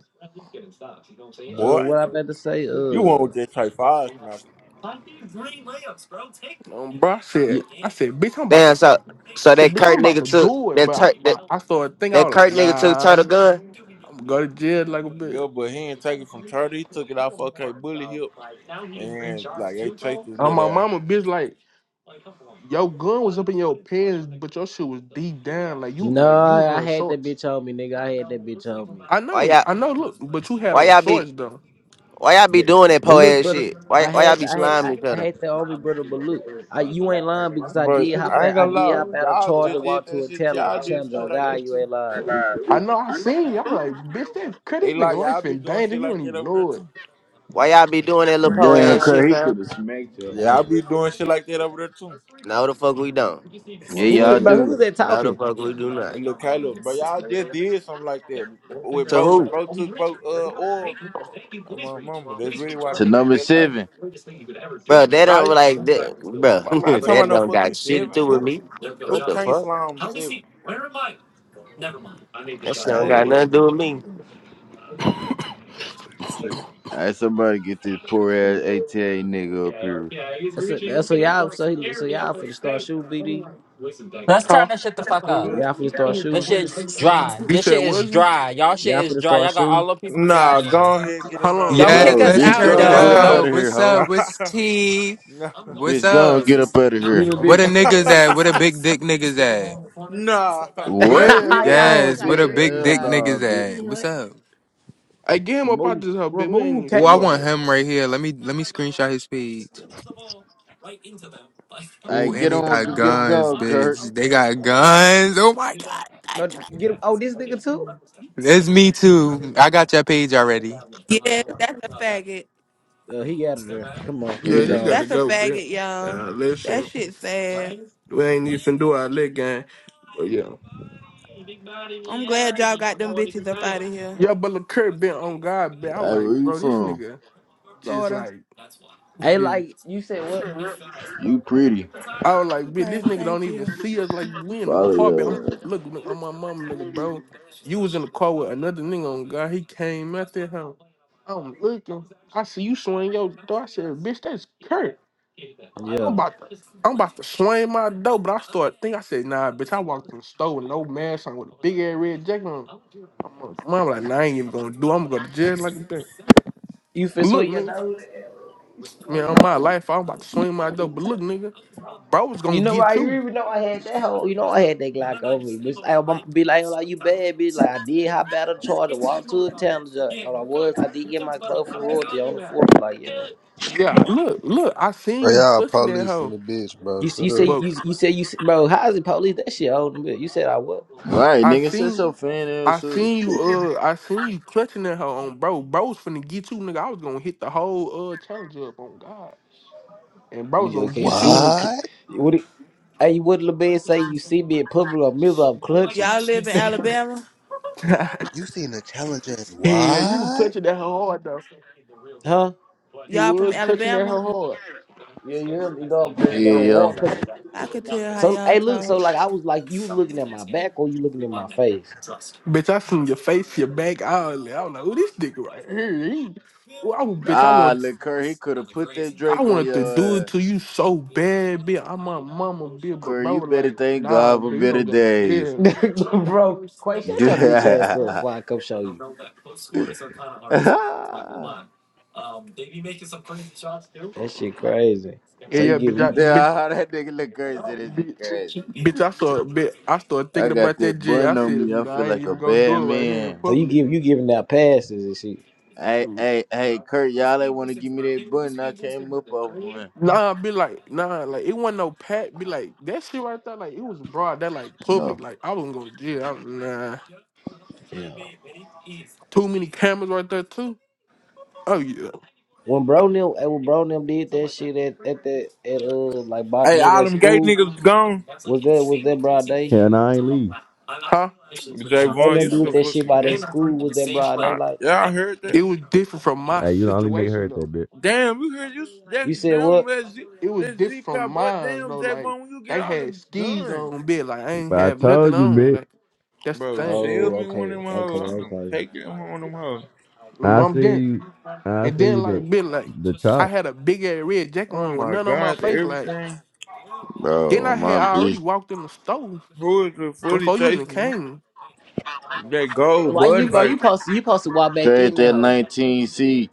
Speaker 3: Uh,
Speaker 2: Boy,
Speaker 3: what I about to say?
Speaker 2: you want
Speaker 3: Uh,
Speaker 2: with that type five smacker.
Speaker 5: Like these green layups, bro. Take them. Um, bro, I
Speaker 3: yeah.
Speaker 5: said, I said, bitch, I'm about
Speaker 7: Damn,
Speaker 5: to,
Speaker 7: so
Speaker 5: I
Speaker 7: so
Speaker 5: said,
Speaker 7: that
Speaker 5: bitch, I'm
Speaker 7: Kurt
Speaker 5: about to
Speaker 7: nigga took
Speaker 5: do it,
Speaker 7: that
Speaker 5: but
Speaker 7: tur-
Speaker 5: I,
Speaker 7: that
Speaker 5: but I started thinking, I
Speaker 7: that
Speaker 5: was like,
Speaker 7: Kurt nigga took turtle
Speaker 5: nah,
Speaker 7: gun.
Speaker 5: I'm gonna go to jail like a bitch.
Speaker 2: Yeah, but he ain't take it from Turtle. He took it off OK Bully hip. And like they chased his
Speaker 5: On
Speaker 2: little
Speaker 5: my
Speaker 2: ass.
Speaker 5: mama, bitch, like, your gun was up in your pants, but your shit was deep down, like you, like you was
Speaker 3: Nah, I
Speaker 5: wearing
Speaker 3: had that
Speaker 5: shorts.
Speaker 3: bitch on me, nigga. I had that bitch on me.
Speaker 5: I
Speaker 7: Why
Speaker 5: know,
Speaker 7: y'all
Speaker 5: I know. Look, but you had
Speaker 7: why
Speaker 5: on
Speaker 7: y'all be
Speaker 5: shorts though.
Speaker 7: why y'all be
Speaker 3: But
Speaker 7: doing that
Speaker 3: but
Speaker 7: po
Speaker 3: look,
Speaker 7: ass
Speaker 3: brother,
Speaker 7: shit?
Speaker 3: I
Speaker 7: Why why y'all
Speaker 3: had
Speaker 7: be
Speaker 3: I had I,
Speaker 7: sliming each
Speaker 3: I
Speaker 7: other?
Speaker 3: had that on me, brother. But look, I, you ain't lying because I
Speaker 2: But
Speaker 3: did hop
Speaker 2: I ain't
Speaker 3: out. I
Speaker 2: gonna
Speaker 3: did
Speaker 2: lie,
Speaker 3: hop out of
Speaker 2: y'all
Speaker 3: Charger,
Speaker 2: just did
Speaker 3: walk to
Speaker 2: that
Speaker 3: a
Speaker 2: shit.
Speaker 3: talent, a
Speaker 2: Y'all did
Speaker 3: challenge.
Speaker 2: some
Speaker 3: Oh
Speaker 2: shit like
Speaker 3: God,
Speaker 2: that
Speaker 3: you
Speaker 2: too.
Speaker 3: ain't lying, bitch.
Speaker 5: I know. I seen y'all like, bitch. That cut this
Speaker 2: They
Speaker 5: nigga
Speaker 2: like y'all
Speaker 5: life
Speaker 2: be
Speaker 5: in
Speaker 2: doing
Speaker 5: danger.
Speaker 2: shit
Speaker 5: He
Speaker 2: like
Speaker 5: don't
Speaker 2: that
Speaker 5: even
Speaker 2: over there
Speaker 5: know it.
Speaker 2: too.
Speaker 7: Why y'all be doing that little po
Speaker 1: damn,
Speaker 7: ass shit,
Speaker 1: Kurt, he
Speaker 7: fam?
Speaker 1: could have smacked you. huh?
Speaker 2: Yeah, I be doing shit like that over there too.
Speaker 7: No, the fuck we don't.
Speaker 1: Yeah,
Speaker 2: Well,
Speaker 3: Who is?
Speaker 1: y'all
Speaker 2: Mickey,
Speaker 3: But
Speaker 2: I
Speaker 3: who
Speaker 1: do.
Speaker 3: is
Speaker 2: do.
Speaker 3: that
Speaker 7: No, the
Speaker 3: talking?
Speaker 7: fuck we do not.
Speaker 2: Hey, Look, Caleb, bro, y'all just did something like that with
Speaker 7: To
Speaker 2: bro when
Speaker 7: who,
Speaker 2: bro took bro uh oil. Oh, my mama, that's really why
Speaker 1: To
Speaker 2: niggas
Speaker 1: number
Speaker 2: fell out.
Speaker 1: seven.
Speaker 7: bro? That
Speaker 2: Nah,
Speaker 7: don't
Speaker 2: you-
Speaker 7: like, that, bro.
Speaker 2: I'm not talking about
Speaker 7: that
Speaker 2: no
Speaker 7: don't
Speaker 2: fucking
Speaker 7: got shit to
Speaker 2: seven.
Speaker 7: do with
Speaker 2: Who
Speaker 7: me.
Speaker 2: who
Speaker 7: What the
Speaker 2: can't
Speaker 7: fuck?
Speaker 2: slam seven?
Speaker 7: That's shit don't
Speaker 2: Fuck,
Speaker 7: got
Speaker 1: Hey,
Speaker 7: nothing
Speaker 2: bro.
Speaker 7: to do with me.
Speaker 2: See
Speaker 1: hey, somebody get this poor ass ATA nigga up here.
Speaker 3: That's a, that's so y'all so he, so y'all finna start shooting, BD.
Speaker 8: Let's turn
Speaker 5: Huh?
Speaker 8: this shit the fuck up.
Speaker 2: who?
Speaker 3: Y'all finna start
Speaker 2: the-
Speaker 8: This
Speaker 3: shooting.
Speaker 8: shit's dry.
Speaker 5: You
Speaker 8: This
Speaker 5: said
Speaker 8: shit is
Speaker 5: was we?
Speaker 8: dry. Y'all shit
Speaker 3: Y'all
Speaker 8: is
Speaker 3: finna
Speaker 8: dry.
Speaker 3: start
Speaker 8: Y'all got
Speaker 3: shooting.
Speaker 8: all the people down
Speaker 2: Nah,
Speaker 8: there.
Speaker 2: go ahead, get
Speaker 5: How
Speaker 2: him out of
Speaker 5: long?
Speaker 8: Don't
Speaker 2: here.
Speaker 9: Yes,
Speaker 8: kick
Speaker 1: Bro,
Speaker 8: us
Speaker 9: let's
Speaker 5: You
Speaker 1: bitch, go
Speaker 8: out
Speaker 5: said
Speaker 9: turn it
Speaker 1: on, get
Speaker 5: was
Speaker 8: though.
Speaker 1: up
Speaker 5: we?
Speaker 2: Nah,
Speaker 8: Don't
Speaker 1: out
Speaker 9: up.
Speaker 1: of here,
Speaker 9: What's
Speaker 1: ho.
Speaker 9: up? What's T?
Speaker 2: nah,
Speaker 9: What's
Speaker 1: Bitch, go on,
Speaker 9: up?
Speaker 1: get up out of
Speaker 3: Give
Speaker 1: here.
Speaker 3: me, a
Speaker 9: Where
Speaker 3: bitch.
Speaker 9: the niggas at? Where the big dick niggas at?
Speaker 2: nah.
Speaker 5: What,
Speaker 1: What? Hold
Speaker 5: nigga?
Speaker 3: yeah, y'all
Speaker 1: on,
Speaker 9: Yes,
Speaker 3: got
Speaker 9: where the
Speaker 3: tricked
Speaker 1: bitch.
Speaker 3: in
Speaker 9: big
Speaker 3: the
Speaker 1: Hell
Speaker 9: dick
Speaker 3: eye.
Speaker 1: no,
Speaker 3: shit.
Speaker 9: niggas
Speaker 1: bitch.
Speaker 9: at?
Speaker 10: Right.
Speaker 9: What's up?
Speaker 5: I gave him up out
Speaker 3: Remove,
Speaker 5: this hoe, bitch. We ain't
Speaker 3: remove
Speaker 5: even
Speaker 9: Oh,
Speaker 5: finna
Speaker 9: I
Speaker 5: do
Speaker 3: Caleb.
Speaker 5: all
Speaker 9: want
Speaker 5: that.
Speaker 9: him right here. Let me let me screenshot his page.
Speaker 1: Hey,
Speaker 9: Ooh,
Speaker 1: get
Speaker 9: and they got
Speaker 1: him, get him
Speaker 9: guns,
Speaker 1: going, Kurt.
Speaker 9: bitch. They got guns. Oh my god.
Speaker 3: But get oh this nigga too.
Speaker 9: It's me too. I got your page already.
Speaker 11: Yeah, that's a faggot.
Speaker 3: Uh, he out of there. Come on,
Speaker 5: Yeah,
Speaker 3: get
Speaker 1: He's
Speaker 5: he
Speaker 1: a,
Speaker 5: gotta
Speaker 3: gone.
Speaker 11: That's a
Speaker 5: go, bitch.
Speaker 11: faggot, y'all.
Speaker 5: Uh,
Speaker 11: That
Speaker 5: listen,
Speaker 11: shit sad.
Speaker 5: we ain't even finna do all that, gang. But yeah.
Speaker 11: I'm glad y'all got them bitches up out of here.
Speaker 5: Yeah, but look, Kurt been on God, bitch. I was
Speaker 1: hey,
Speaker 5: like,
Speaker 1: where you
Speaker 5: bro, this
Speaker 1: from?
Speaker 5: nigga just
Speaker 11: Florida.
Speaker 5: like,
Speaker 3: Hey, like you said, what?
Speaker 1: You pretty.
Speaker 5: I was like, bitch, this
Speaker 11: Okay,
Speaker 5: nigga don't
Speaker 11: thank
Speaker 5: even
Speaker 11: you.
Speaker 5: see us. Like, we in the
Speaker 1: Follow
Speaker 5: car, bitch. I'm,
Speaker 1: yo.
Speaker 5: look, look, I'm my mama, nigga, bro. You was in the car with another nigga on God. He came out there, huh? I'm looking. I see you swing your door. I said, bitch, that's Kurt. I'm
Speaker 3: Yeah,
Speaker 5: about to, I'm about to swing my door, but I started thinking. I said, nah, bitch. I walked in the store with no mask on, with a big ass red jacket on. I'm like, mom, like, nah, I ain't even gonna do. I'm gonna go to jail like that.
Speaker 3: you fit
Speaker 5: Look,
Speaker 3: sweet your nose.
Speaker 5: nigga. Man, on my life, I was about to swing my door. But look, nigga, bro was
Speaker 3: You
Speaker 5: gonna
Speaker 3: know
Speaker 5: get
Speaker 3: why? You
Speaker 5: you.
Speaker 3: even know I had that whole. You know I had that Glock on me, but I be like, like you bad bitch. Like I did hop out of the charger, walk to the town. All I was, I did get my club from royalty on the fourth. Like yeah,
Speaker 5: Yeah, look, look, I seen
Speaker 12: Bro,
Speaker 5: you
Speaker 12: y'all
Speaker 5: clutching that
Speaker 12: police in
Speaker 5: hoe.
Speaker 12: the bitch, bro.
Speaker 3: you
Speaker 12: Shut
Speaker 3: you
Speaker 12: up.
Speaker 3: say
Speaker 5: But
Speaker 3: you you say you bro. How is it police that shit on me? You said I what?
Speaker 1: All right,
Speaker 5: I
Speaker 1: nigga, set
Speaker 5: seen
Speaker 1: your fan
Speaker 5: I
Speaker 1: ass up.
Speaker 5: seen you uh I seen you clutching that hoe on bro. Bro was finna get you, nigga. I was gonna hit the whole uh challenge up on God. And bro was gonna
Speaker 3: Okay, you
Speaker 5: get
Speaker 3: see
Speaker 5: you.
Speaker 3: me. Cl-
Speaker 12: What?
Speaker 3: what it, hey, what LeBed say? You see me in public, or am miserable, i clutching.
Speaker 11: Y'all live in Alabama?
Speaker 5: yeah,
Speaker 12: You seen the challenge and
Speaker 5: you were
Speaker 12: what?
Speaker 5: clutching that hoe hard though.
Speaker 3: Huh?
Speaker 5: You
Speaker 11: Y'all from
Speaker 5: was clutching that
Speaker 11: Alabama?
Speaker 5: hoe hard.
Speaker 3: Yeah, you heard me, you know
Speaker 1: Yeah,
Speaker 3: clutching that whole
Speaker 1: yo.
Speaker 3: horn. Cause,
Speaker 11: I could tell how
Speaker 3: so,
Speaker 11: y'all
Speaker 3: hey, look, so
Speaker 11: talk.
Speaker 3: like I was like, you looking at my back or you looking at my face?
Speaker 5: Bitch, I seen your face, your back, all that. I was like, oh, this nigga right here. He, well, I, was- bitch, I
Speaker 1: Ah,
Speaker 5: want,
Speaker 1: look, Kurt, he could have put that
Speaker 5: I
Speaker 1: Drake on
Speaker 5: wanted to do
Speaker 1: your
Speaker 5: it
Speaker 1: ass.
Speaker 5: to you so bad, bitch. I'm my mama, bitch, but
Speaker 1: Corey,
Speaker 5: bro,
Speaker 1: you
Speaker 5: was
Speaker 1: better
Speaker 5: like,
Speaker 1: thank
Speaker 5: nah,
Speaker 1: God for
Speaker 5: bitch, we gonna
Speaker 1: better
Speaker 5: go,
Speaker 1: days.
Speaker 5: yeah,
Speaker 3: Bro, Quay, shut your bitch ass
Speaker 1: yeah,
Speaker 3: up before I come show you. That shit crazy.
Speaker 5: yeah,
Speaker 3: So you
Speaker 5: yeah,
Speaker 3: give
Speaker 5: bitch, I,
Speaker 3: you,
Speaker 5: bitch,
Speaker 1: that nigga look crazy. That shit
Speaker 5: bitch,
Speaker 1: crazy.
Speaker 5: bitch, I saw, bitch, I started
Speaker 1: I
Speaker 5: thinking
Speaker 1: got
Speaker 5: about that
Speaker 1: that
Speaker 5: J. I
Speaker 1: bun on
Speaker 5: said,
Speaker 1: me. I
Speaker 5: nah,
Speaker 1: feel
Speaker 5: I ain't
Speaker 1: like a
Speaker 5: even gonna
Speaker 1: bad
Speaker 5: do it right here in
Speaker 1: man.
Speaker 3: so you
Speaker 5: public.
Speaker 3: give you giving out passes and shit.
Speaker 1: Hey, hey, hey, Kurt, y'all ain't want to give me that bun? I came up off one.
Speaker 5: Nah, be like, nah, like it wasn't no pat. Be like that shit right there. Like it was broad. That like
Speaker 1: No,
Speaker 5: public. Like I wasn't going to jail. I, nah,
Speaker 3: Yeah.
Speaker 5: too many cameras right there too. Oh yeah.
Speaker 3: When bro them, hey, when bro them did that shit at at that at uh like about
Speaker 2: Hey,
Speaker 3: near
Speaker 2: all
Speaker 3: that
Speaker 2: them gay
Speaker 3: school,
Speaker 2: niggas gone.
Speaker 3: was that was that broad day?
Speaker 13: Hell, nah, I ain't leave.
Speaker 5: Huh? It
Speaker 3: When bro
Speaker 2: Javon, you
Speaker 3: done
Speaker 2: so
Speaker 3: did that shit
Speaker 2: fucking
Speaker 3: by that
Speaker 2: gay.
Speaker 3: school was that broad
Speaker 2: I,
Speaker 3: daylight.
Speaker 2: yeah, I heard that.
Speaker 5: was different from my
Speaker 13: Hey, you the only nigga
Speaker 5: situation
Speaker 13: heard
Speaker 5: though.
Speaker 13: that bitch.
Speaker 2: Damn, you hear you
Speaker 3: You
Speaker 2: that
Speaker 3: said
Speaker 2: damn
Speaker 3: what?
Speaker 2: that Z
Speaker 5: It was
Speaker 2: that
Speaker 5: different
Speaker 2: Z
Speaker 5: from
Speaker 2: Pop, what
Speaker 5: mine
Speaker 2: damn
Speaker 5: though. Like
Speaker 2: Javon when you get
Speaker 5: they
Speaker 2: all
Speaker 5: had
Speaker 2: them
Speaker 5: skis
Speaker 2: guns.
Speaker 5: on, bit like I ain't
Speaker 13: But I
Speaker 5: have nothing
Speaker 13: told you,
Speaker 5: on.
Speaker 13: bitch.
Speaker 5: Like that's the
Speaker 2: Bro,
Speaker 5: thing.
Speaker 2: sell
Speaker 3: Oh,
Speaker 2: me one
Speaker 3: okay,
Speaker 2: of them
Speaker 3: okay,
Speaker 2: hoes. I don't
Speaker 3: okay.
Speaker 2: take it one of them hoes.
Speaker 5: My
Speaker 13: I
Speaker 5: mom
Speaker 13: see
Speaker 5: didn't.
Speaker 13: you. I
Speaker 5: And
Speaker 13: see
Speaker 5: then
Speaker 13: you the
Speaker 5: like bit like
Speaker 13: the
Speaker 5: I
Speaker 13: chop.
Speaker 5: had a big ass red jacket
Speaker 2: Oh
Speaker 5: on with
Speaker 2: my
Speaker 5: none on my
Speaker 2: god, the
Speaker 5: face. Like
Speaker 2: everything.
Speaker 5: then
Speaker 1: bro,
Speaker 5: I had
Speaker 1: my
Speaker 5: I already
Speaker 1: bitch
Speaker 5: walked in the store
Speaker 2: Who is the fully
Speaker 5: before you even
Speaker 2: chasing me?
Speaker 5: came.
Speaker 2: That gold
Speaker 3: Why you
Speaker 2: button
Speaker 3: bro? You
Speaker 2: like
Speaker 3: supposed to, you supposed to walk back
Speaker 1: trade
Speaker 3: in that
Speaker 1: that
Speaker 3: hole.
Speaker 1: 19C.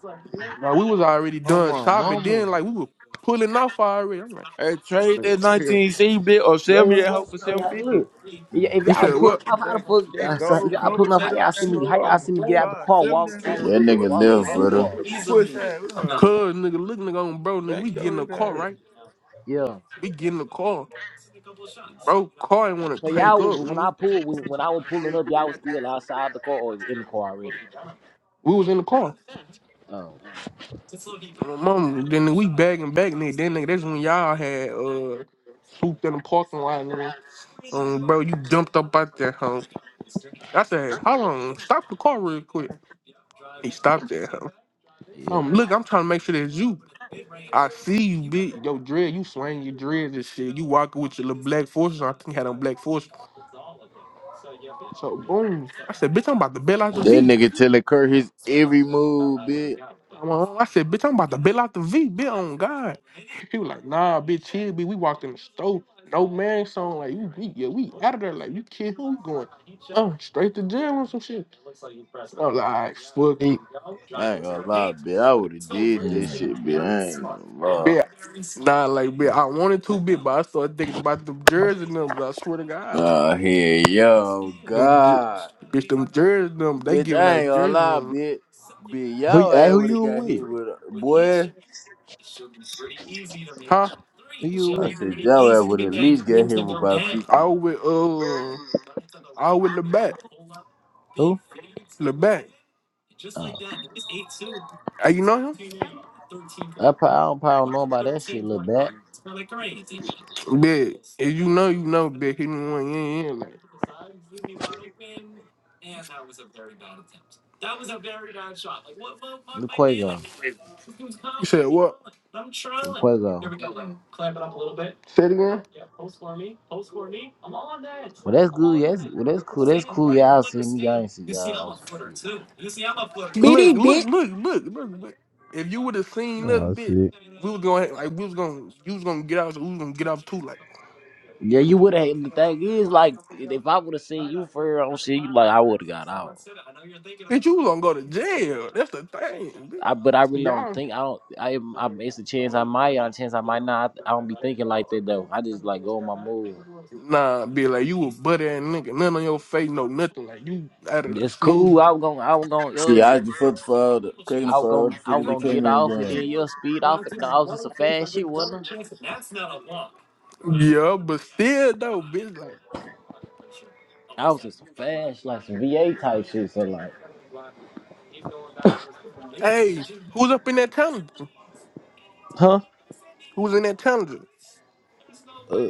Speaker 5: No, we was already
Speaker 2: on
Speaker 5: done
Speaker 2: my
Speaker 5: shopping.
Speaker 2: mama.
Speaker 5: Then like we were pulling off already. I'm like,
Speaker 2: Hey,
Speaker 5: this
Speaker 2: trade
Speaker 5: girl
Speaker 2: that
Speaker 5: right here.
Speaker 2: nineteen C bit or sell
Speaker 3: Wait,
Speaker 2: me
Speaker 3: wait,
Speaker 2: that hoe
Speaker 3: wait,
Speaker 2: for
Speaker 3: bro.
Speaker 2: seven
Speaker 3: y'all-
Speaker 2: fifty.
Speaker 3: Look, Y- if
Speaker 5: You
Speaker 3: y'all
Speaker 5: said
Speaker 3: pulling
Speaker 5: what?
Speaker 3: off, how the
Speaker 2: That
Speaker 3: fuck?
Speaker 2: that
Speaker 3: y'all so- If
Speaker 2: gold
Speaker 3: y'all pulling off, how
Speaker 2: compensated on
Speaker 3: y'all see
Speaker 2: that
Speaker 3: me?
Speaker 2: hoe.
Speaker 3: How
Speaker 2: Oh
Speaker 3: y'all see me get
Speaker 2: my
Speaker 3: out the
Speaker 2: god.
Speaker 3: car?
Speaker 2: Sell me
Speaker 3: Walk
Speaker 2: that
Speaker 3: to
Speaker 1: That
Speaker 2: hoe. What
Speaker 3: the
Speaker 2: the
Speaker 1: nigga
Speaker 2: fuck?
Speaker 3: walk to the
Speaker 1: left,
Speaker 3: other
Speaker 1: brother.
Speaker 3: car.
Speaker 2: Push that.
Speaker 5: Cuz, nigga, look, nigga, on bro, nigga, we
Speaker 2: Back
Speaker 5: get in
Speaker 2: door
Speaker 5: the
Speaker 2: is
Speaker 5: car,
Speaker 2: that.
Speaker 5: right?
Speaker 3: Yeah.
Speaker 5: We get in the car. Bro, car ain't want to
Speaker 3: So
Speaker 5: crank
Speaker 3: y'all,
Speaker 5: up,
Speaker 3: when I
Speaker 5: nigga.
Speaker 3: pulled, when, when I was pulling up, y'all was still outside the car or in the car already.
Speaker 5: We was in the car.
Speaker 3: Oh,
Speaker 5: And My mom, then we bagging back, nigga. Then, nigga, that's when y'all had, uh. swooped in the parking lot, and um, bro, you jumped up out that hoe. I said, hold on, stop the car real quick. He stopped that hoe.
Speaker 3: yeah.
Speaker 5: Um, look, I'm trying to make sure that's you. I see you, bitch. yo dread. You swaying your dreads and shit. You walking with your little black forces. I think you had on black forces. So boom, I said, bitch, I'm about to bail out the
Speaker 1: That
Speaker 5: V.
Speaker 1: nigga telling Kurt his every move, bitch.
Speaker 5: I'm on- I said, bitch, I'm about to bail out the V. Bitch, on God. He was like, nah, bitch, chill, B. We walked in the store. No man song. Like, you, we, yeah, we out of there. Like, you kid, who going? Uh, straight to jail or some shit. I was like, fuck it.
Speaker 3: Hey,
Speaker 1: I ain't gonna lie, bitch. I would've did this
Speaker 3: Yeah.
Speaker 1: shit, bitch. I ain't gonna lie.
Speaker 5: Yeah. Nah, like, bit. I wanted to, bit, but I started thinking about them jersey numbers. I swear to God, like,
Speaker 1: Oh, here, yo,
Speaker 5: them, jer-
Speaker 1: God.
Speaker 5: bitch, them jersey numbers. They
Speaker 1: Bitch,
Speaker 5: giving
Speaker 1: I ain't
Speaker 5: out
Speaker 1: gonna
Speaker 5: jersey
Speaker 1: lie,
Speaker 5: numbers.
Speaker 1: bitch. Bitch,
Speaker 3: Who,
Speaker 1: y'all
Speaker 3: hey,
Speaker 1: ass
Speaker 3: who
Speaker 1: would have
Speaker 3: you
Speaker 1: got
Speaker 3: with?
Speaker 1: hit with a boy.
Speaker 5: Huh?
Speaker 3: Who you
Speaker 1: I
Speaker 3: with?
Speaker 1: said y'all ass would at least get hit with about fifty.
Speaker 5: Out with uh, out with Lebat.
Speaker 3: Who?
Speaker 5: Lebat. Uh, you know him?
Speaker 3: I probably, I don't probably know about that shit, little bat.
Speaker 5: Big. If you know, you know, big. He didn't want in, in like.
Speaker 3: The Quago.
Speaker 5: You said what?
Speaker 3: The Quago.
Speaker 5: Say it again.
Speaker 3: Well, that's good. Yeah, that's, well, that's cool. That's cool. Y'all see me. I ain't see y'all. on some shit.
Speaker 14: Bitty
Speaker 5: Look, look, look,
Speaker 14: bitch.
Speaker 5: look, look, look. If you would have seen that
Speaker 13: Oh
Speaker 5: bit,
Speaker 13: shit.
Speaker 5: we was gonna like we was gonna you was gonna get out, so we was gonna get out too, like.
Speaker 3: Yeah, you would have. The thing is, like, if I would have seen you for real on shit, you like, I would have got out.
Speaker 5: Bitch, you gonna go to jail. That's the thing,
Speaker 3: I, but I really
Speaker 5: bitch.
Speaker 3: don't
Speaker 5: Y'all
Speaker 3: think I don't. I, I it's a chance I might, a chance I might not. I, don't be thinking like that though. I just like go on my move.
Speaker 5: Nah, be like you a buddy and nigga, none on your face, no nothing. Like you out of like
Speaker 3: It's cool. I
Speaker 5: smooth.
Speaker 3: was gonna, I was gonna, uh,
Speaker 1: See,
Speaker 3: get,
Speaker 1: I just fucked for all the cracking
Speaker 3: I was
Speaker 1: for all
Speaker 3: gonna,
Speaker 1: the
Speaker 3: I was
Speaker 1: figures that
Speaker 3: gonna
Speaker 1: came
Speaker 3: get
Speaker 1: in
Speaker 3: off
Speaker 1: the
Speaker 3: and then
Speaker 1: game.
Speaker 3: you'll speed off. And nah, I was just a fast shit, wasn't I?
Speaker 5: Yeah, but still though, bitch. Like,
Speaker 3: I was in some fast, like some VA type shit. So like,
Speaker 5: hey, who's up in that challenger?
Speaker 3: Huh?
Speaker 5: Who's in that challenger?
Speaker 3: Uh,